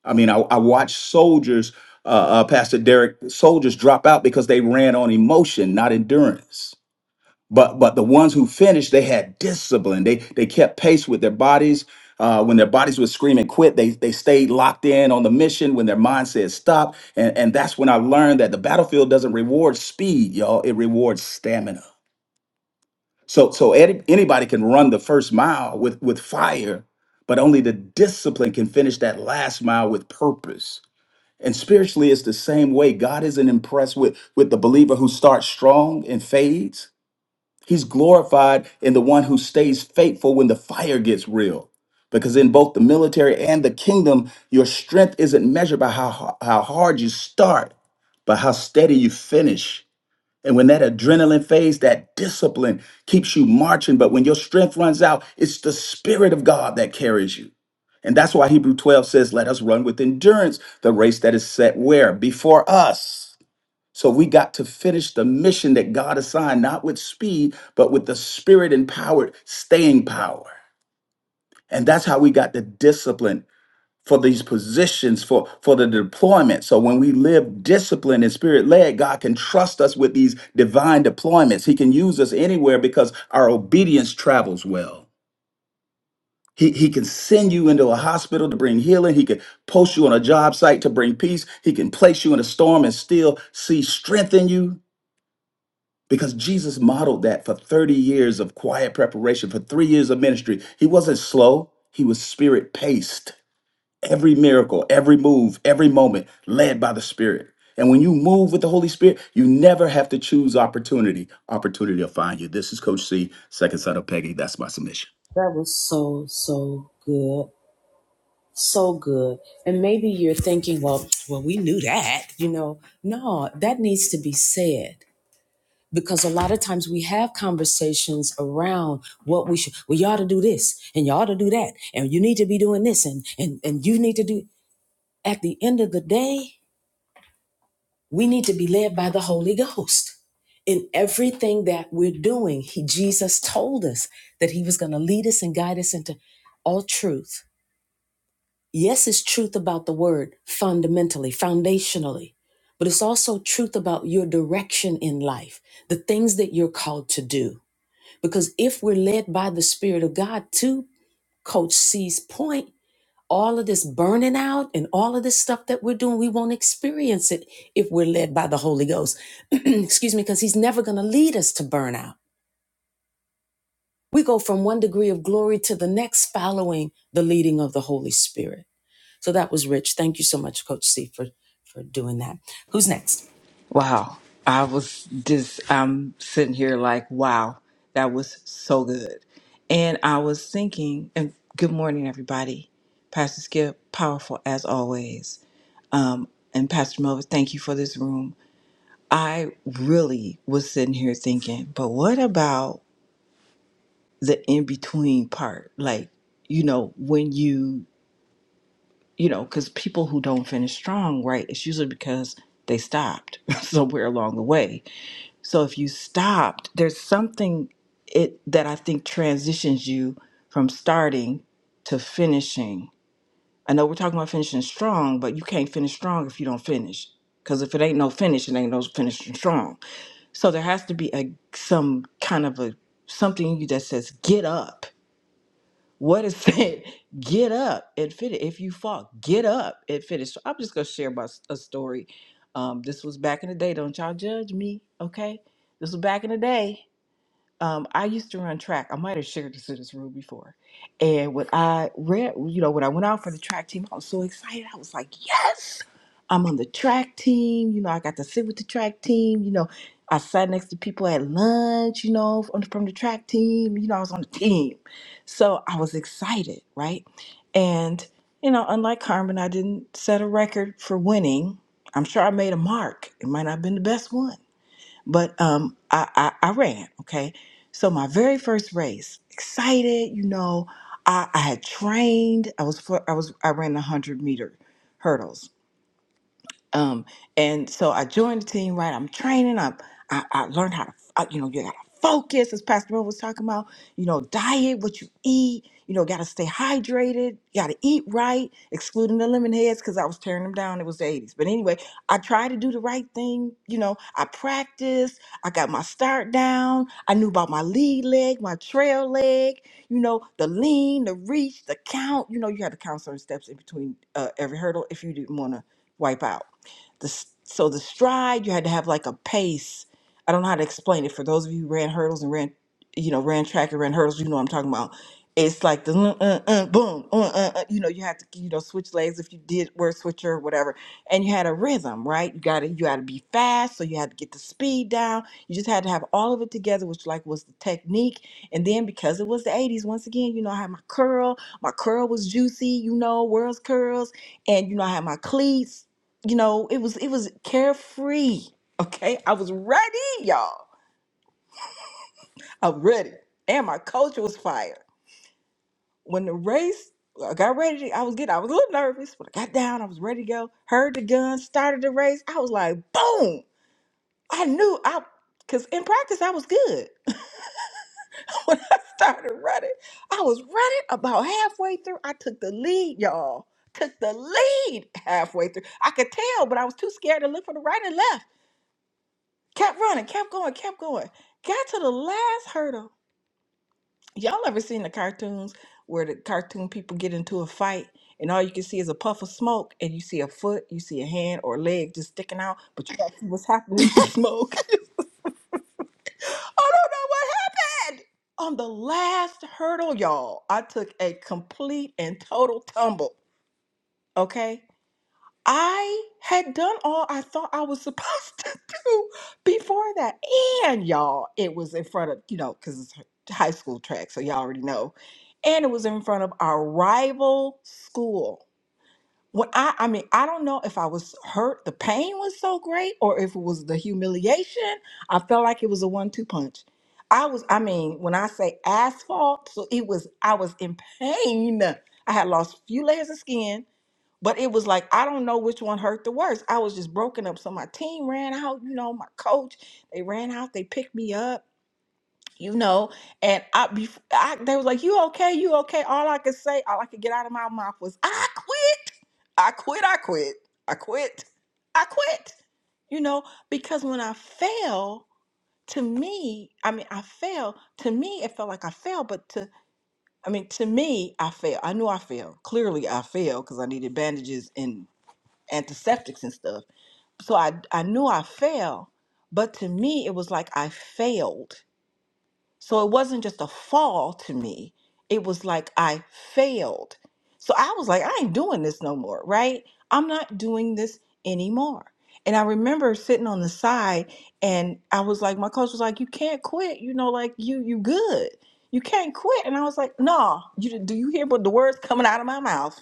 Speaker 9: I mean, I, I watched soldiers, uh, uh, Pastor Derek, soldiers drop out because they ran on emotion, not endurance. But but the ones who finished, they had discipline. They they kept pace with their bodies. Uh, when their bodies would scream and quit, they they stayed locked in on the mission. When their mind said stop, and and that's when I learned that the battlefield doesn't reward speed, y'all. It rewards stamina. So so any- anybody can run the first mile with with fire, but only the discipline can finish that last mile with purpose. And spiritually, it's the same way. God isn't impressed with, with the believer who starts strong and fades. He's glorified in the one who stays faithful when the fire gets real. Because in both the military and the kingdom, your strength isn't measured by how, how hard you start, but how steady you finish. And when that adrenaline phase, that discipline keeps you marching. But when your strength runs out, it's the Spirit of God that carries you. And that's why Hebrew 12 says, Let us run with endurance the race that is set where? Before us. So we got to finish the mission that God assigned, not with speed, but with the Spirit empowered staying power. And that's how we got the discipline for these positions for for the deployment so when we live disciplined and spirit led god can trust us with these divine deployments he can use us anywhere because our obedience travels well he, he can send you into a hospital to bring healing he can post you on a job site to bring peace he can place you in a storm and still see strength in you because jesus modeled that for 30 years of quiet preparation for three years of ministry he wasn't slow he was spirit paced Every miracle, every move, every moment led by the Spirit. And when you move with the Holy Spirit, you never have to choose opportunity. Opportunity will find you. This is Coach C, second son of Peggy. That's my submission.
Speaker 1: That was so, so good. so good. And maybe you're thinking, well, well, we knew that, you know. No, that needs to be said because a lot of times we have conversations around what we should. Well, you ought to do this, and you ought to do that, and you need to be doing this, and and and you need to do. At the end of the day, we need to be led by the Holy Ghost. In everything that we're doing, he, Jesus told us that he was going to lead us and guide us into all truth Yes, it's truth about the word fundamentally, foundationally, but it's also truth about your direction in life, the things that you're called to do. Because if we're led by the Spirit of God to Coach C's point, all of this burning out and all of this stuff that we're doing, we won't experience it if we're led by the Holy Ghost. Excuse me, because He's never going to lead us to burnout. We go from one degree of glory to the next following the leading of the Holy Spirit. So that was rich. Thank you so much, Coach C, for, for doing that. Who's next?
Speaker 10: Wow. I was just, I'm sitting here like, wow, that was so good. And I was thinking, and good morning, everybody. Pastor Skip, powerful as always. And Pastor Melvin, thank you for this room. I really was sitting here thinking, but what about the in between part? Like, you know, when you you know, because people who don't finish strong, right, it's usually because they stopped somewhere along the way. So if you stopped, there's something it that I think transitions you from starting to finishing. I know we're talking about finishing strong, but you can't finish strong if you don't finish. Because if it ain't no finish, it ain't no finishing strong. So there has to be a some kind of a something in you that says get up what is said? Get up and fit it. If you fall, get up and fit it. So I'm just gonna share my s- a story. Um, this was back in the day. Don't y'all judge me, okay? This was back in the day um, I used to run track. I might have shared this with this room before. And when I read, you know, when I went out for the track team, I was so excited. I was like, yes, I'm on the track team. You know, I got to sit with the track team. You know, I sat next to people at lunch, you know, from, from the track team. You know, I was on the team. So I was excited, right? And, you know, unlike Carmen, I didn't set a record for winning. I'm sure I made a mark. It might not have been the best one but um, I, I, I ran, okay? So my very first race, excited, you know, I, I had trained. I was, for, I was, I ran the 100 meter hurdles um, and so I joined the team, right? I'm training. I'm, I, I learned how to, uh, you know, you got to focus, as Pastor Bill was talking about, you know, diet, what you eat, you know, got to stay hydrated, got to eat right, excluding the lemon heads because I was tearing them down. It was the 80s. But anyway, I tried to do the right thing. You know, I practiced. I got my start down. I knew about my lead leg, my trail leg, you know, the lean, the reach, the count. You know, you had to count certain steps in between uh, every hurdle if you didn't want to wipe out. The, s- so the stride, you had to have like a pace. I don't know how to explain it. For those of you who ran hurdles and ran, you know, ran track and ran hurdles, you know what I'm talking about. It's like the uh, uh, uh, boom, uh, uh, uh, you know, you had to, you know, switch legs if you did word switcher or whatever. And you had a rhythm, right? You got to, you got to be fast. So you had to get the speed down. You just had to have all of it together, which like was the technique. And then because it was the 80s, once again, you know, I had my curl. My curl was juicy, you know, world's curls. And, you know, I had my cleats you know, it was it was carefree. Okay, I was ready, y'all. I'm ready, and my culture was fire. When the race, I got ready. I was getting, I was a little nervous, but I got down. I was ready to go. Heard the gun, started the race. I was like, boom! I knew I, cause in practice I was good. when I started running, I was running about halfway through. I took the lead, y'all. Took the lead halfway through. I could tell, but I was too scared to look for the right and left. Kept running, kept going, kept going. Got to the last hurdle. Y'all ever seen the cartoons where the cartoon people get into a fight and all you can see is a puff of smoke and you see a foot, you see a hand or a leg just sticking out, but you can't see what's happening in the smoke. I don't know what happened. On the last hurdle, y'all, I took a complete and total tumble. Okay. I had done all I thought I was supposed to do before that. And y'all, it was in front of, you know, because it's high school track, so y'all already know. And it was in front of our rival school. When I, I mean, I don't know if I was hurt, the pain was so great, or if it was the humiliation. I felt like it was a one two punch. I was, I mean, when I say asphalt, so it was, I was in pain. I had lost a few layers of skin. But it was like I don't know which one hurt the worst. I was just broken up. So my team ran out, you know, my coach, they ran out, they picked me up, you know, and I, bef- I they was like, "You okay? You okay?" All I could say, all I could get out of my mouth was, "I quit. I quit. I quit. I quit. I quit." You know, because when I fell, to me, I mean, I fell. To me, it felt like I fell, but to I mean, to me, I failed. I knew I failed. Clearly, I failed because I needed bandages and antiseptics and stuff. So I I knew I fell, but to me it was like I failed. So it wasn't just a fall to me. It was like I failed. So I was like, I ain't doing this no more, right? I'm not doing this anymore. And I remember sitting on the side and I was like, my coach was like, you can't quit. You know, like you you good. You can't quit. And I was like, no, you do you hear what the words coming out of my mouth?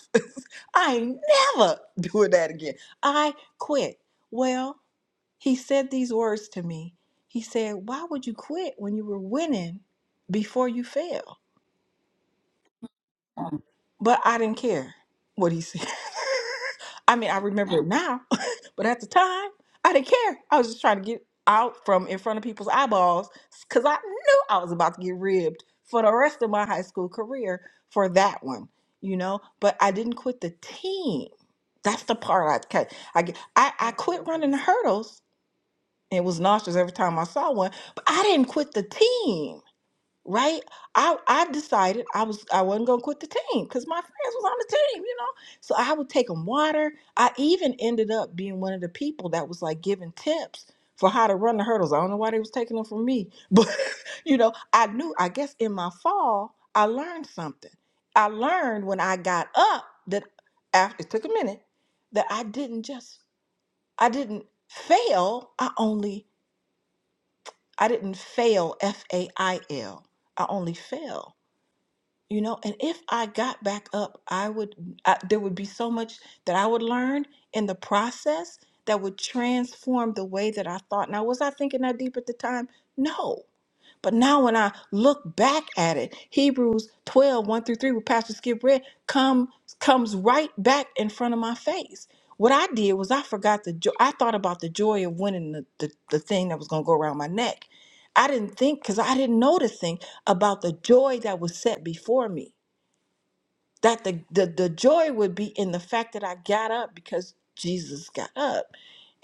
Speaker 10: I ain't never doing that again. I quit. Well, he said these words to me. He said, Why would you quit when you were winning before you failed? But I didn't care what he said. I mean, I remember it now, but at the time, I didn't care. I was just trying to get out from in front of people's eyeballs because I knew I was about to get ribbed for the rest of my high school career for that one, you know. But I didn't quit the team. That's the part I cut. I get. I, I quit running the hurdles. It was nauseous every time I saw one, but I didn't quit the team right? I I decided I was I wasn't gonna quit the team because my friends was on the team, you know. So I would take them water. I even ended up being one of the people that was like giving tips for how to run the hurdles. I don't know why they was taking them from me, but you know, I knew. I guess in my fall, I learned something. I learned when I got up that after it took a minute that I didn't just I didn't fail. I only I didn't fail F A I L. I only failed you know and if i got back up i would I, there would be so much that i would learn in the process that would transform the way that i thought now was i thinking that deep at the time no but now when I look back at it, Hebrews twelve one through 3, what Pastor Skip read, come, comes right back in front of my face. What I did was I forgot the joy. I thought about the joy of winning the, the, the thing that was going to go around my neck. I didn't think, because I didn't know the thing about the joy that was set before me that the, the the joy would be in the fact that I got up because Jesus got up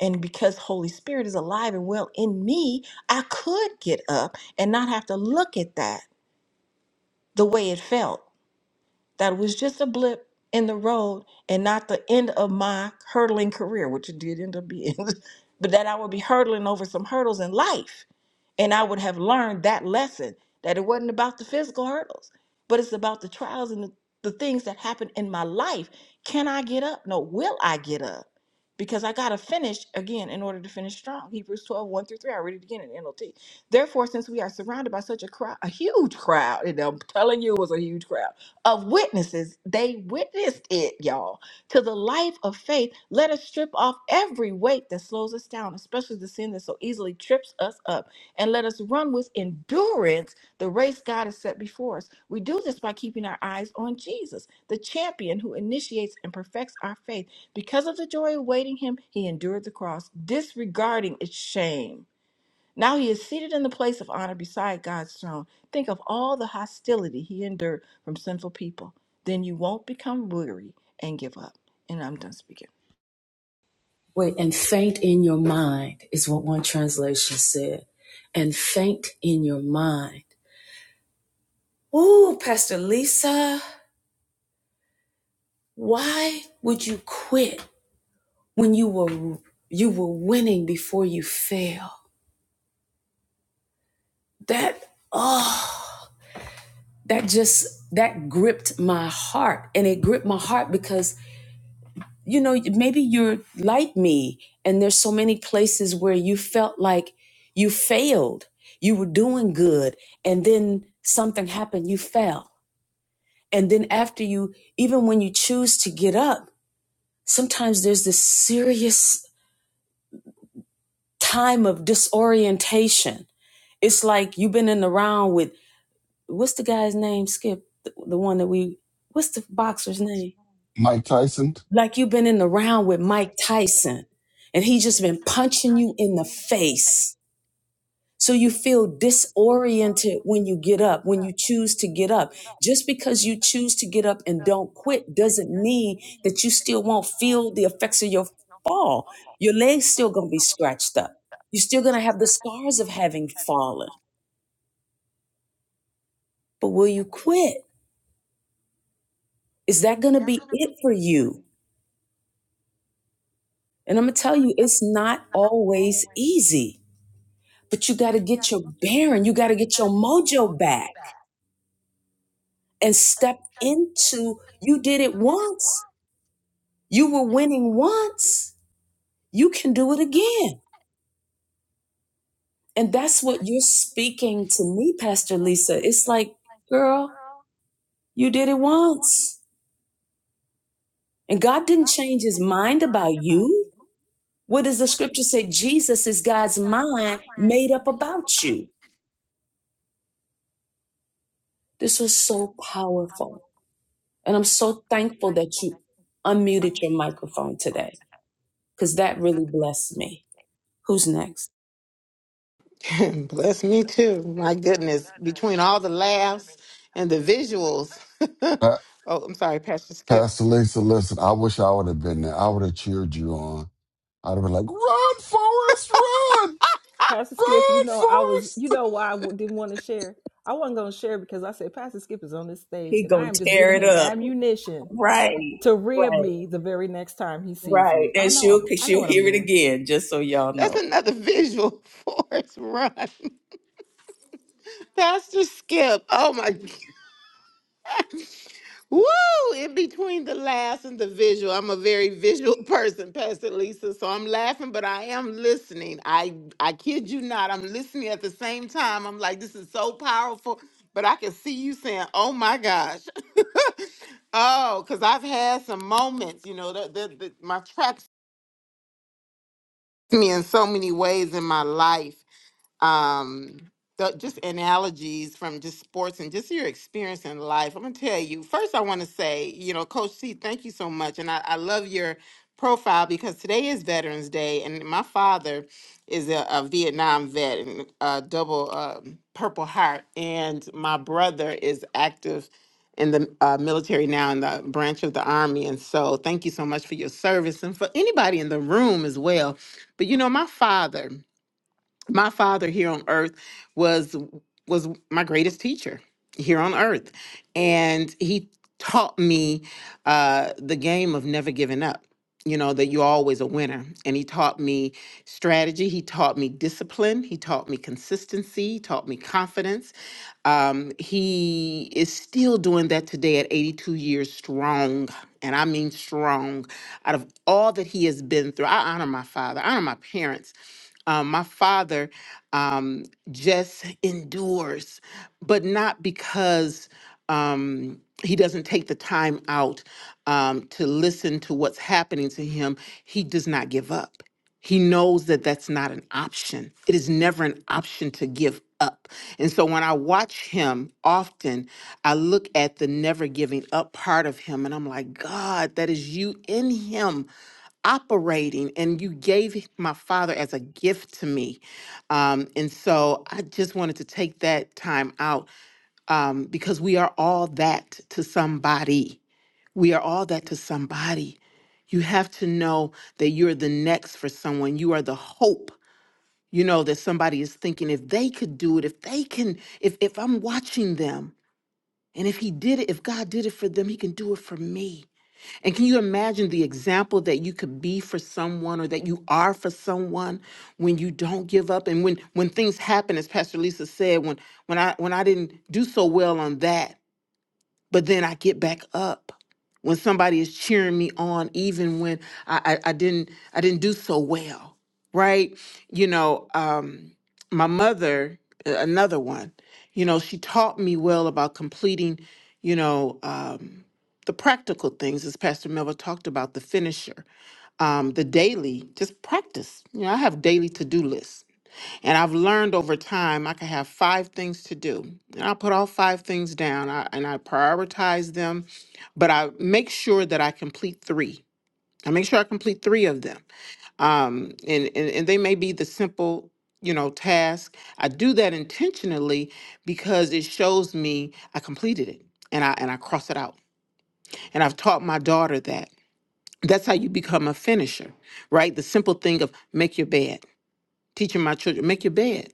Speaker 10: and because Holy Spirit is alive and well in me, I could get up and not have to look at that the way it felt. That was just a blip in the road and not the end of my hurdling career, which it did end up being. but that I would be hurdling over some hurdles in life and I would have learned that lesson that it wasn't about the physical hurdles, but it's about the trials and the, the things that happen in my life. Can I get up? No, will I get up? Because I got to finish again in order to finish strong. Hebrews 12, one through 3. I read it again in NLT. Therefore, since we are surrounded by such a crowd, a huge crowd, and I'm telling you it was a huge crowd of witnesses, they witnessed it, y'all, to the life of faith. Let us strip off every weight that slows us down, especially the sin that so easily trips us up and let us run with endurance the race God has set before us. We do this by keeping our eyes on Jesus, the champion who initiates and perfects our faith. Because of the joy awaiting him, he endured the cross, disregarding its shame. Now he is seated in the place of honor beside God's throne. Think of all the hostility he endured from sinful people. Then you won't become weary and give up. And I'm done speaking.
Speaker 1: Wait, and faint in your mind is what one translation said. And faint in your mind. Ooh, Pastor Lisa, why would you quit when you were you were winning before you fail? That oh, that just that gripped my heart, and it gripped my heart because you know, maybe you're like me, and there's so many places where you felt like you failed. You were doing good, and then something happened, you fell. And then, after you, even when you choose to get up, sometimes there's this serious time of disorientation. It's like you've been in the round with what's the guy's name, Skip? The, the one that we, what's the boxer's name?
Speaker 5: Mike Tyson,
Speaker 1: Like you've been in the round with Mike Tyson and he just been punching you in the face. So you feel disoriented when you get up, when you choose to get up. Just because you choose to get up and don't quit doesn't mean that you still won't feel the effects of your fall. Your legs still going to be scratched up. You're still going to have the scars of having fallen. But will you quit? Is that going to be it for you? And I'm going to tell you, it's not always easy But you got to get your bearing. You got to get your mojo back and step into you did it once. You were winning once. You can do it again. And that's what you're speaking to me, Pastor Lisa. It's like, girl, you did it once. And God didn't change his mind about you. What does the scripture say? Jesus is God's mind made up about you. This was so powerful. And I'm so thankful that you unmuted your microphone today because that really blessed me. Who's next?
Speaker 3: Bless me too. My goodness. Between all the laughs and the visuals. oh, I'm sorry, Pastor Skip.
Speaker 5: Pastor Lisa, listen, I wish I would have been there. I would have cheered you on. I'd have been like, run, Forrest, run!
Speaker 10: Pastor Skip, you
Speaker 5: Run,
Speaker 10: know, I was, you
Speaker 5: Forrest!
Speaker 10: know, why I w- didn't want to share. I wasn't going to share because I said Pastor Skip is on this stage,
Speaker 1: He
Speaker 10: and I
Speaker 1: gonna
Speaker 10: am just
Speaker 1: tear
Speaker 10: giving
Speaker 1: it
Speaker 10: him
Speaker 1: up.
Speaker 10: ammunition
Speaker 1: Right.
Speaker 10: to rib
Speaker 1: Right.
Speaker 10: me the very next time he sees
Speaker 1: Right.
Speaker 10: me. I
Speaker 1: And
Speaker 10: know,
Speaker 1: she'll
Speaker 10: I, I know
Speaker 1: she'll
Speaker 10: what I'm
Speaker 1: hear it
Speaker 10: doing.
Speaker 1: again, just so y'all
Speaker 3: That's
Speaker 1: know.
Speaker 3: another visual for us run. Pastor Skip. Oh my Woo! In between the laughs and the visual, I'm a very visual person, Pastor Lisa. So I'm laughing, but I am listening. I I kid you not. I'm listening at the same time. I'm like, this is so powerful. But I can see you saying, "Oh my gosh." oh, because I've had some moments. You know, that, that, that my tracks me in so many ways in my life um the, just analogies from just sports and just your experience in life. I'm gonna tell you. First, I want to say, you know, Coach C, thank you so much, and I, I love your profile because today is Veterans Day, and my father is a, a Vietnam vet and a double um Purple Heart, and my brother is active in the uh, military now in the branch of the army, and so thank you so much for your service and for anybody in the room as well. But you know, my father my father here on earth was was my greatest teacher here on earth and he taught me uh the game of never giving up you know that you're always a winner and he taught me strategy he taught me discipline he taught me consistency he taught me confidence um, he is still doing that today at 82 years strong and i mean strong out of all that he has been through i honor my father i honor my parents um, my father um, just endures, but not because um, he doesn't take the time out um, to listen to what's happening to him. He does not give up. He knows that that's not an option. It is never an option to give up. And so when I watch him often, I look at the never giving up part of him and I'm like, God, that is you in him operating and you gave my father as a gift to me um, and so i just wanted to take that time out um, because we are all that to somebody we are all that to somebody you have to know that you're the next for someone you are the hope you know that somebody is thinking if they could do it if they can if if i'm watching them and if he did it if god did it for them he can do it for me and can you imagine the example that you could be for someone or that you are for someone when you don't give up and when when things happen as Pastor Lisa said when when I when I didn't do so well on that but then I get back up when somebody is cheering me on, even when I, I, I didn't I didn't do so well, right? You know, um, my mother, a- another one, you know, she taught me well about completing, you know, um, the practical things, as Pastor Melva talked about, the finisher, um, the daily, just practice. You know, I have daily to do lists and I've learned over time I can have five things to do. And I'll put all five things down I, and I prioritize them, but I make sure that I complete three. I make sure I complete three of them. Um, and, and, and they may be the simple, you know, task. I do that intentionally because it shows me I completed it and I and I cross it out. And I've taught my daughter that. That's how you become a finisher, right? The simple thing of make your bed. Teaching my children, make your bed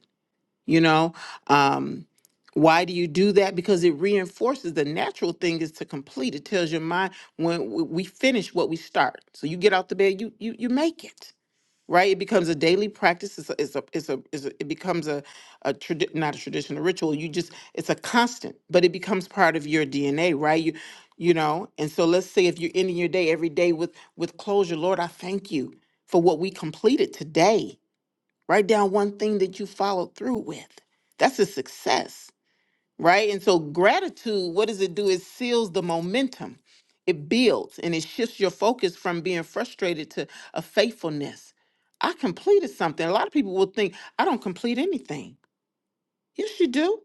Speaker 3: you know um why do you do that because it reinforces the natural thing is to complete it tells your mind when w- we finish what we start so you get out the bed you you you make it right it becomes a daily practice it's a it's a, it's a, it's a it becomes a a tradi- not a traditional ritual you just it's a constant but it becomes part of your dna right you you know and so let's say if you're ending your day every day with with closure lord i thank you for what we completed today Write down one thing that you followed through with. That's a success, right? And so, gratitude, what does it do? It seals the momentum, it builds and it shifts your focus from being frustrated to a faithfulness. I completed something. A lot of people will think, I don't complete anything. Yes, you do.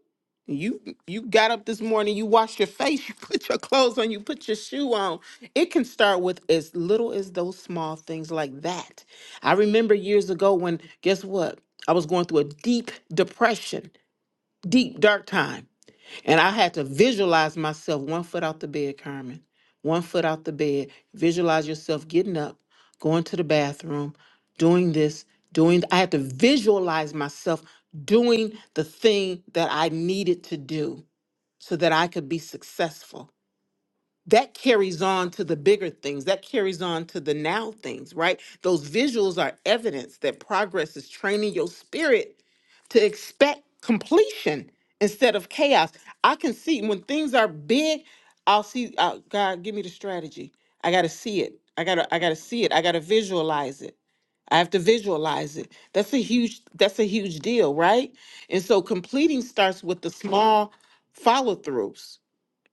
Speaker 3: You you got up this morning, you washed your face, you put your clothes on, you put your shoe on. It can start with as little as those small things like that. I remember years ago when guess what? I was going through a deep depression, deep dark time. And I had to visualize myself one foot out the bed, Carmen, one foot out the bed. Visualize yourself getting up, going to the bathroom, doing this, doing. I had to visualize myself doing the thing that I needed to do so that I could be successful that carries on to the bigger things that carries on to the now things right those visuals are evidence that progress is training your spirit to expect completion instead of chaos i can see when things are big i'll see uh, god give me the strategy i gotta see it i gotta i gotta see it i gotta visualize it i have to visualize it that's a huge that's a huge deal right and so completing starts with the small follow-throughs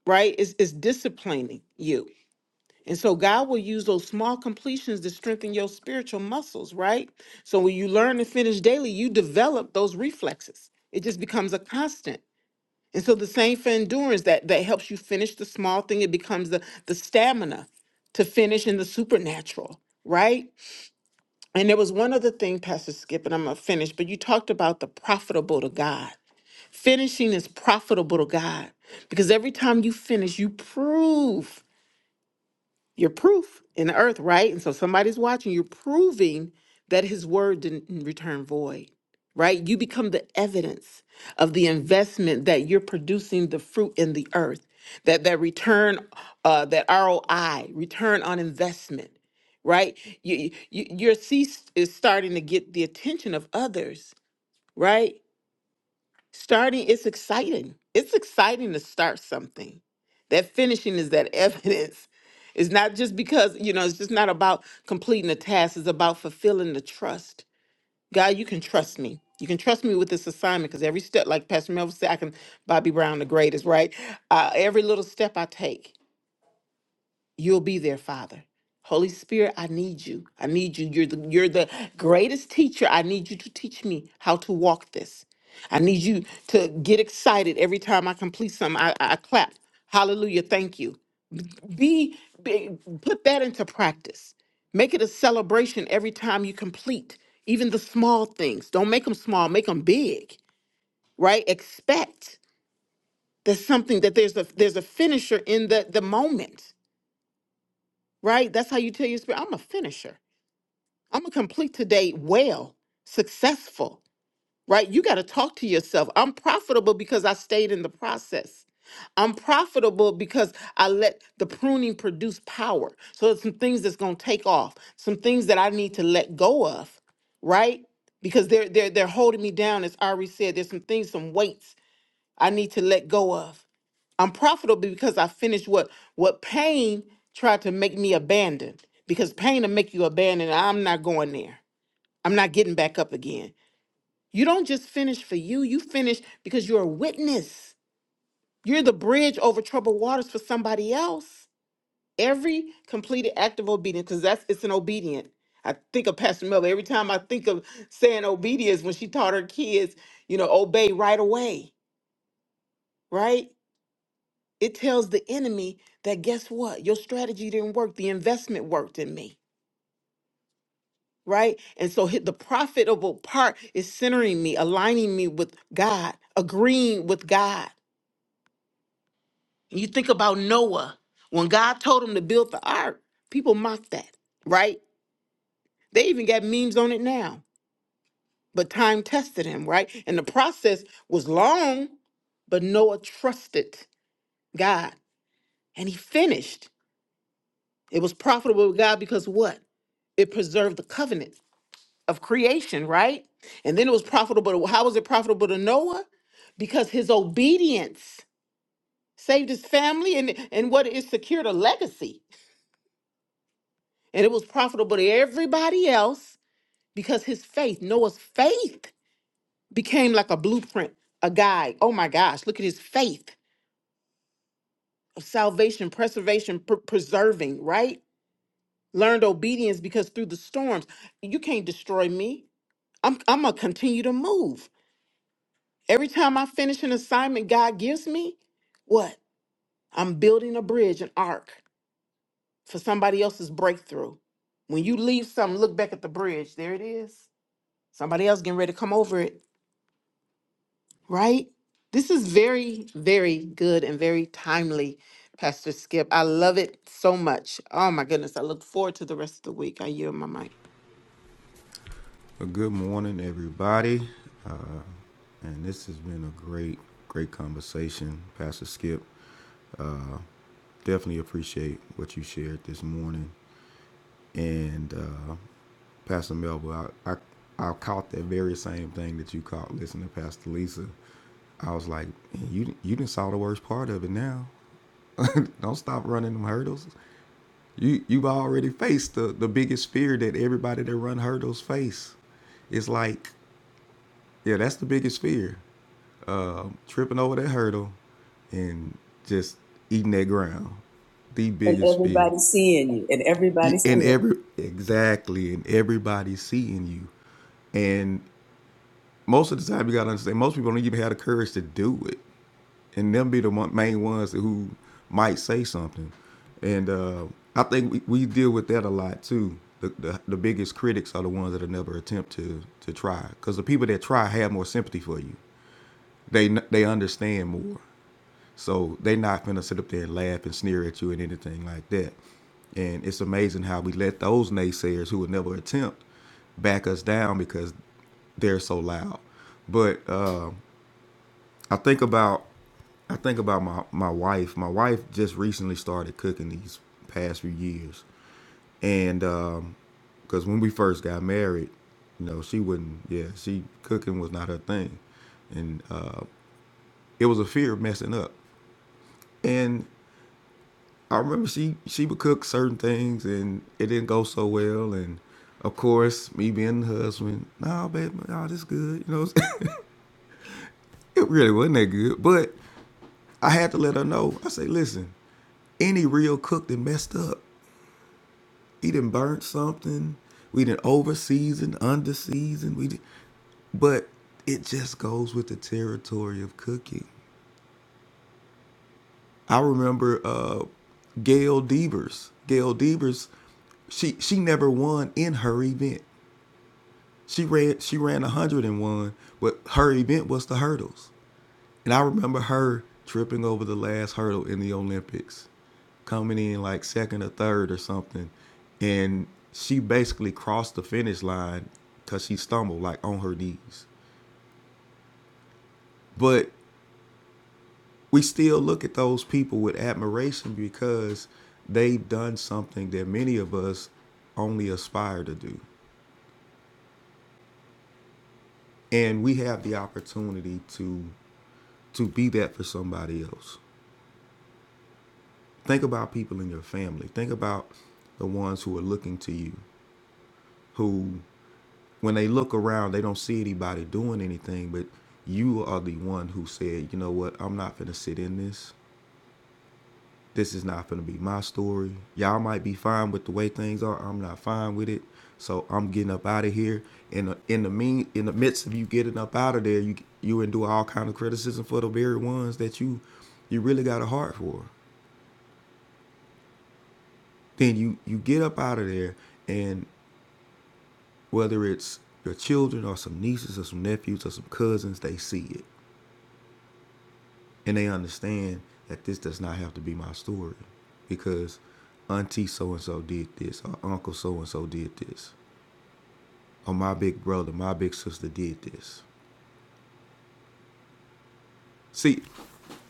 Speaker 3: right? It's, it's disciplining you. And so God will use those small completions to strengthen your spiritual muscles, right? So when you learn and finish daily, you develop those reflexes. It just becomes a constant. And so the same for endurance that that helps you finish the small thing, it becomes the the stamina to finish in the supernatural, right? And there was one other thing, Pastor Skip, and I'm gonna finish, but you talked about the profitable to God. Finishing is profitable to God because every time you finish, you prove. You're proof in the earth, right? And so somebody's watching. You're proving that his word didn't return void, right? You become the evidence of the investment that you're producing the fruit in the earth, that that return, uh, that ROI, return on investment, right? You, you, your seed is starting to get the attention of others, right? starting it's exciting it's exciting to start something that finishing is that evidence it's not just because you know it's just not about completing a task it's about fulfilling the trust god you can trust me you can trust me with this assignment because every step like pastor melvin said i can bobby brown the greatest right uh, every little step i take You'll be there, Father. Holy Spirit, I need you. I need you. You're the you're the greatest teacher. I need you to teach me how to walk this. I need you to get excited every time I complete something. I, I I clap. Hallelujah. Thank you. Be, be put that into practice. Make it a celebration every time you complete, even the small things. Don't make them small, make them big, right? Expect there's something that there's a there's a finisher in the the moment, right? That's how you tell your spirit, I'm a finisher. I'm gonna complete today well, successful, right? You got to talk to yourself. I'm profitable because I stayed in the process. I'm profitable because I let the pruning produce power. So there's some things that's gonna take off, some things that I need to let go of, right? Because they're they're they're holding me down, as Ari said. There's some things, some weights I need to let go of. I'm profitable because I finished what what pain tried to make me abandon. Because pain will make you abandon. I'm not going there I'm not getting back up again. You don't just finish for you, you finish because you're a witness. You're the bridge over troubled waters for somebody else. Every completed act of obedience, because that's it's an obedient. I think of Pastor Miller every time I think of saying obedience when she taught her kids, you know, obey right away, right? It tells the enemy that guess what? Your strategy didn't work. The investment worked in me. right? And so hit the profitable part is centering me, aligning me with God, agreeing with God. You think about Noah. When God told him to build the ark, people mocked that, right? They even got memes on it now. But time tested him, right? And the process was long, but Noah trusted God and he finished. It was profitable with God because what? It preserved the covenant. of creation, right? And then it was profitable. to- How was it profitable to Noah? Because his obedience saved his family and, and what it secured a legacy. And it was profitable to everybody else because his faith, Noah's faith, became like a blueprint, a guide. Oh my gosh, look at his faith of salvation, preservation, pr- preserving, right? Learned obedience because through the storms, you can't destroy me. I'm, I'm gonna continue to move. Every time I finish an assignment God gives me, what? I'm building a bridge, an arc for somebody else's breakthrough. When you leave something, look back at the bridge. There it is. Somebody else getting ready to come over it, right? This is very, very good and very timely, Pastor Skip. I love it so much. Oh my goodness. I look forward to the rest of the week. I yield my mic.
Speaker 4: Uh, Good morning, everybody. Uh, and this has been a great, great conversation, Pastor Skip. Uh, definitely appreciate what you shared this morning. And uh, Pastor Melville, I, I, I caught that very same thing that you caught listening to Pastor Lisa. I was like, you you didn't saw the worst part of it now. Don't stop running them hurdles. You you've already faced the, the biggest fear that everybody that run hurdles face. It's like Yeah, that's the biggest fear. Um, tripping over that hurdle and just eating that ground. The
Speaker 1: And
Speaker 4: biggest fear.
Speaker 1: everybody's seeing you. And
Speaker 4: E,
Speaker 1: everybody's
Speaker 4: And
Speaker 1: seeing.
Speaker 4: every exactly, and everybody seeing you. And most of the time, you gotta understand. Most people don't even have the courage to do it, and them be the one, main ones who might say something. And uh, I think we, we deal with that a lot too. The, the, the biggest critics are the ones that will never attempt to to try, because the people that try have more sympathy for you. They kn- they understand more. So they not finna sit up there and laugh and sneer at you and anything like that. And it's amazing how we let those naysayers who would never attempt back us down because they're so loud. But uh, I think about I think about my, my wife. My wife just recently started cooking these past few years, and because when we first got married, you know, she wouldn't. Yeah, she cooking was not her thing, and uh, it was a fear of messing up. And I remember she she would cook certain things and it didn't go so well and of course me being the husband, nah, babe, nah, this good, you know, it really wasn't that good. But I had to let her know. I say, listen, any real cook that messed up, he didn't burn something, we didn't over season, under season, we, did, but it just goes with the territory of cooking. I remember uh, Gail Devers. Gail Devers, she she never won in her event. She ran she ran 101, but her event was the hurdles. And I remember her tripping over the last hurdle in the Olympics, coming in like second or third or something. And she basically crossed the finish line because she stumbled like on her knees. But we still look at those people with admiration because they've done something that many of us only aspire to do. And we have the opportunity to to be that for somebody else. Think about people in your family. Think about the ones who are looking to you, who, when they look around, they don't see anybody doing anything, but you are the one who said, you know what, I'm not going to sit in this. This is not going to be my story. Y'all might be fine with the way things are. I'm not fine with it. So I'm getting up out of here. And in the mean, in the midst of you getting up out of there, you you endure all kind of criticism for the very ones that you you really got a heart for then you you get up out of there and whether it's your children or some nieces or some nephews or some cousins, they see it and they understand that this does not have to be my story because auntie so and so did this or uncle so and so did this or my big brother, my big sister did this. See,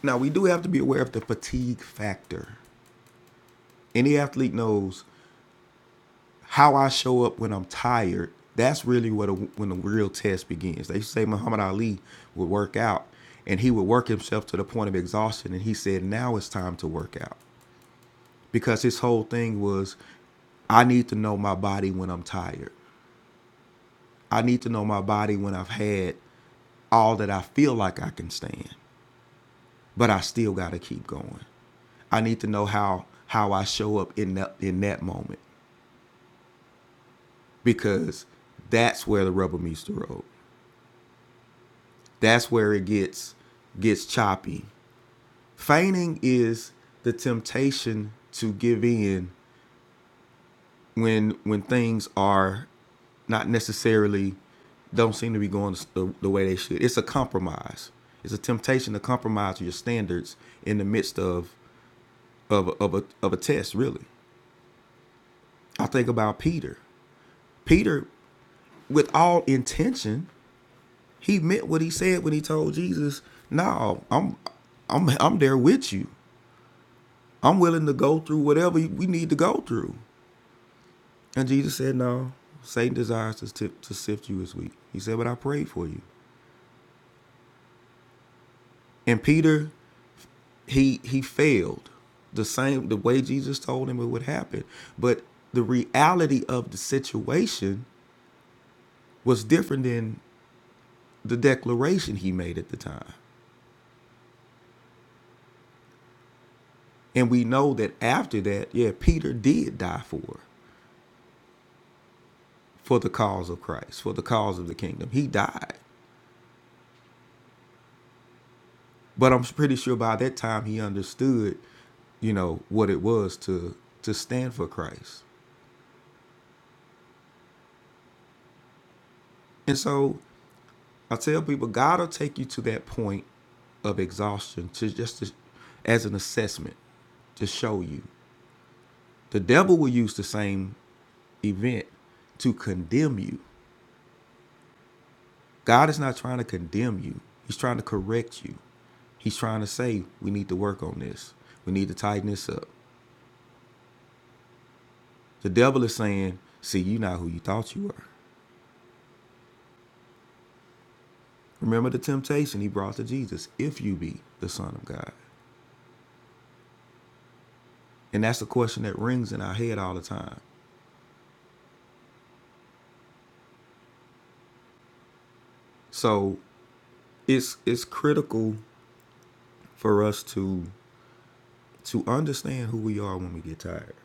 Speaker 4: now we do have to be aware of the fatigue factor. Any athlete knows how I show up when I'm tired, that's really what a, when the real test begins. They say Muhammad Ali would work out, and he would work himself to the point of exhaustion, and he said, "Now it's time to work out," because his whole thing was, "I need to know my body when I'm tired. I need to know my body when I've had all that I feel like I can stand, but I still got to keep going. I need to know how how I show up in that in that moment because that's where the rubber meets the road." That's where it gets gets choppy. Feigning is the temptation to give in when when things are not necessarily don't seem to be going the, the way they should. It's a compromise. It's a temptation to compromise your standards in the midst of of of a of a test. Really, I think about Peter. Peter, with all intention, he meant what he said when he told Jesus, "No, I'm I'm I'm there with you. I'm willing to go through whatever we need to go through. And Jesus said, No, Satan desires to, tip, to sift you as wheat. He said, But I prayed for you. And Peter, he he failed the same the way Jesus told him it would happen. But the reality of the situation was different than the declaration he made at the time. And we know that after that, yeah, Peter did die for for the cause of Christ, for the cause of the kingdom. He died. But I'm pretty sure by that time he understood, you know, what it was to to stand for Christ. And so I tell people, God will take you to that point of exhaustion to just to, as an assessment to show you. The devil will use the same event to condemn you. God is not trying to condemn you. He's trying to correct you. He's trying to say, we need to work on this. We need to tighten this up. The devil is saying, see, you're not who you thought you were. Remember the temptation he brought to Jesus, if you be the Son of God. And that's the question that rings in our head all the time. So it's it's critical for us to to understand who we are when we get tired.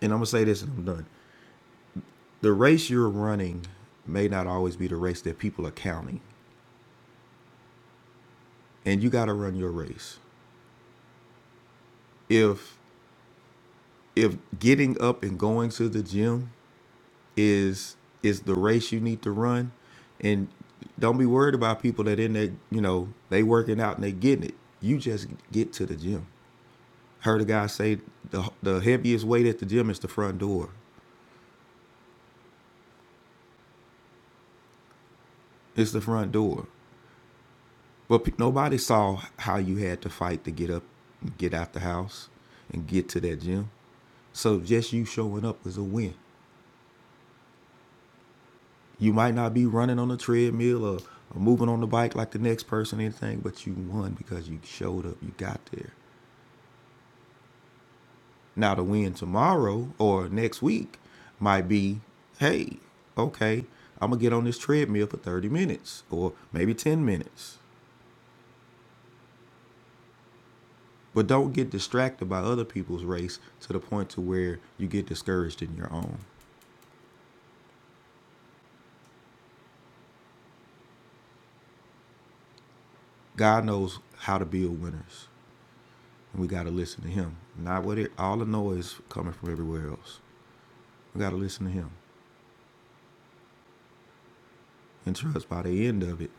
Speaker 4: And I'm gonna say this and I'm done. The race you're running may not always be the race that people are counting. And you gotta run your race. If if getting up and going to the gym is is the race you need to run and don't be worried about people that in there you know they working out and they getting it you just get to the gym heard a guy say the, the heaviest weight at the gym is the front door it's the front door but pe- nobody saw how you had to fight to get up get out the house and get to that gym so just you showing up is a win you might not be running on the treadmill or, or moving on the bike like the next person, or anything, but you won because you showed up, you got there. Now the win tomorrow or next week might be, hey, okay, I'm gonna get on this treadmill for 30 minutes or maybe 10 minutes. But don't get distracted by other people's race to the point to where you get discouraged in your own. God knows how to build winners, and we gotta listen to Him. Not what it, all the noise coming from everywhere else. We gotta listen to Him, and trust by the end of it,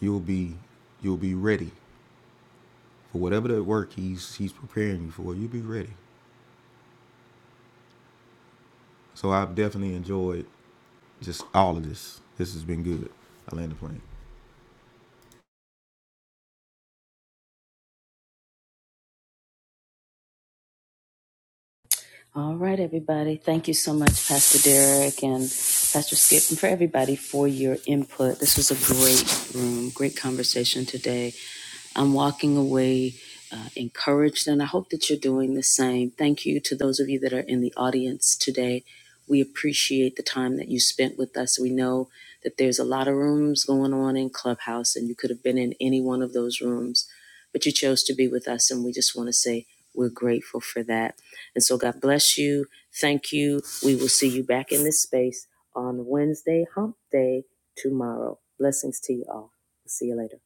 Speaker 4: you'll be you'll be ready for whatever the work He's He's preparing you for. You'll be ready. So I've definitely enjoyed just all of this. This has been good. I land the plane.
Speaker 1: it. All right, everybody. Thank you so much, Pastor Derek and Pastor Skip, and for everybody for your input. This was a great room, great conversation today. I'm walking away uh, encouraged, and I hope that you're doing the same. Thank you to those of you that are in the audience today. We appreciate the time that you spent with us. We know that there's a lot of rooms going on in Clubhouse, and you could have been in any one of those rooms, but you chose to be with us, and we just want to say we're grateful for that. And so, God bless you. Thank you. We will see you back in this space on Wednesday, hump day, tomorrow. Blessings to you all. See you later.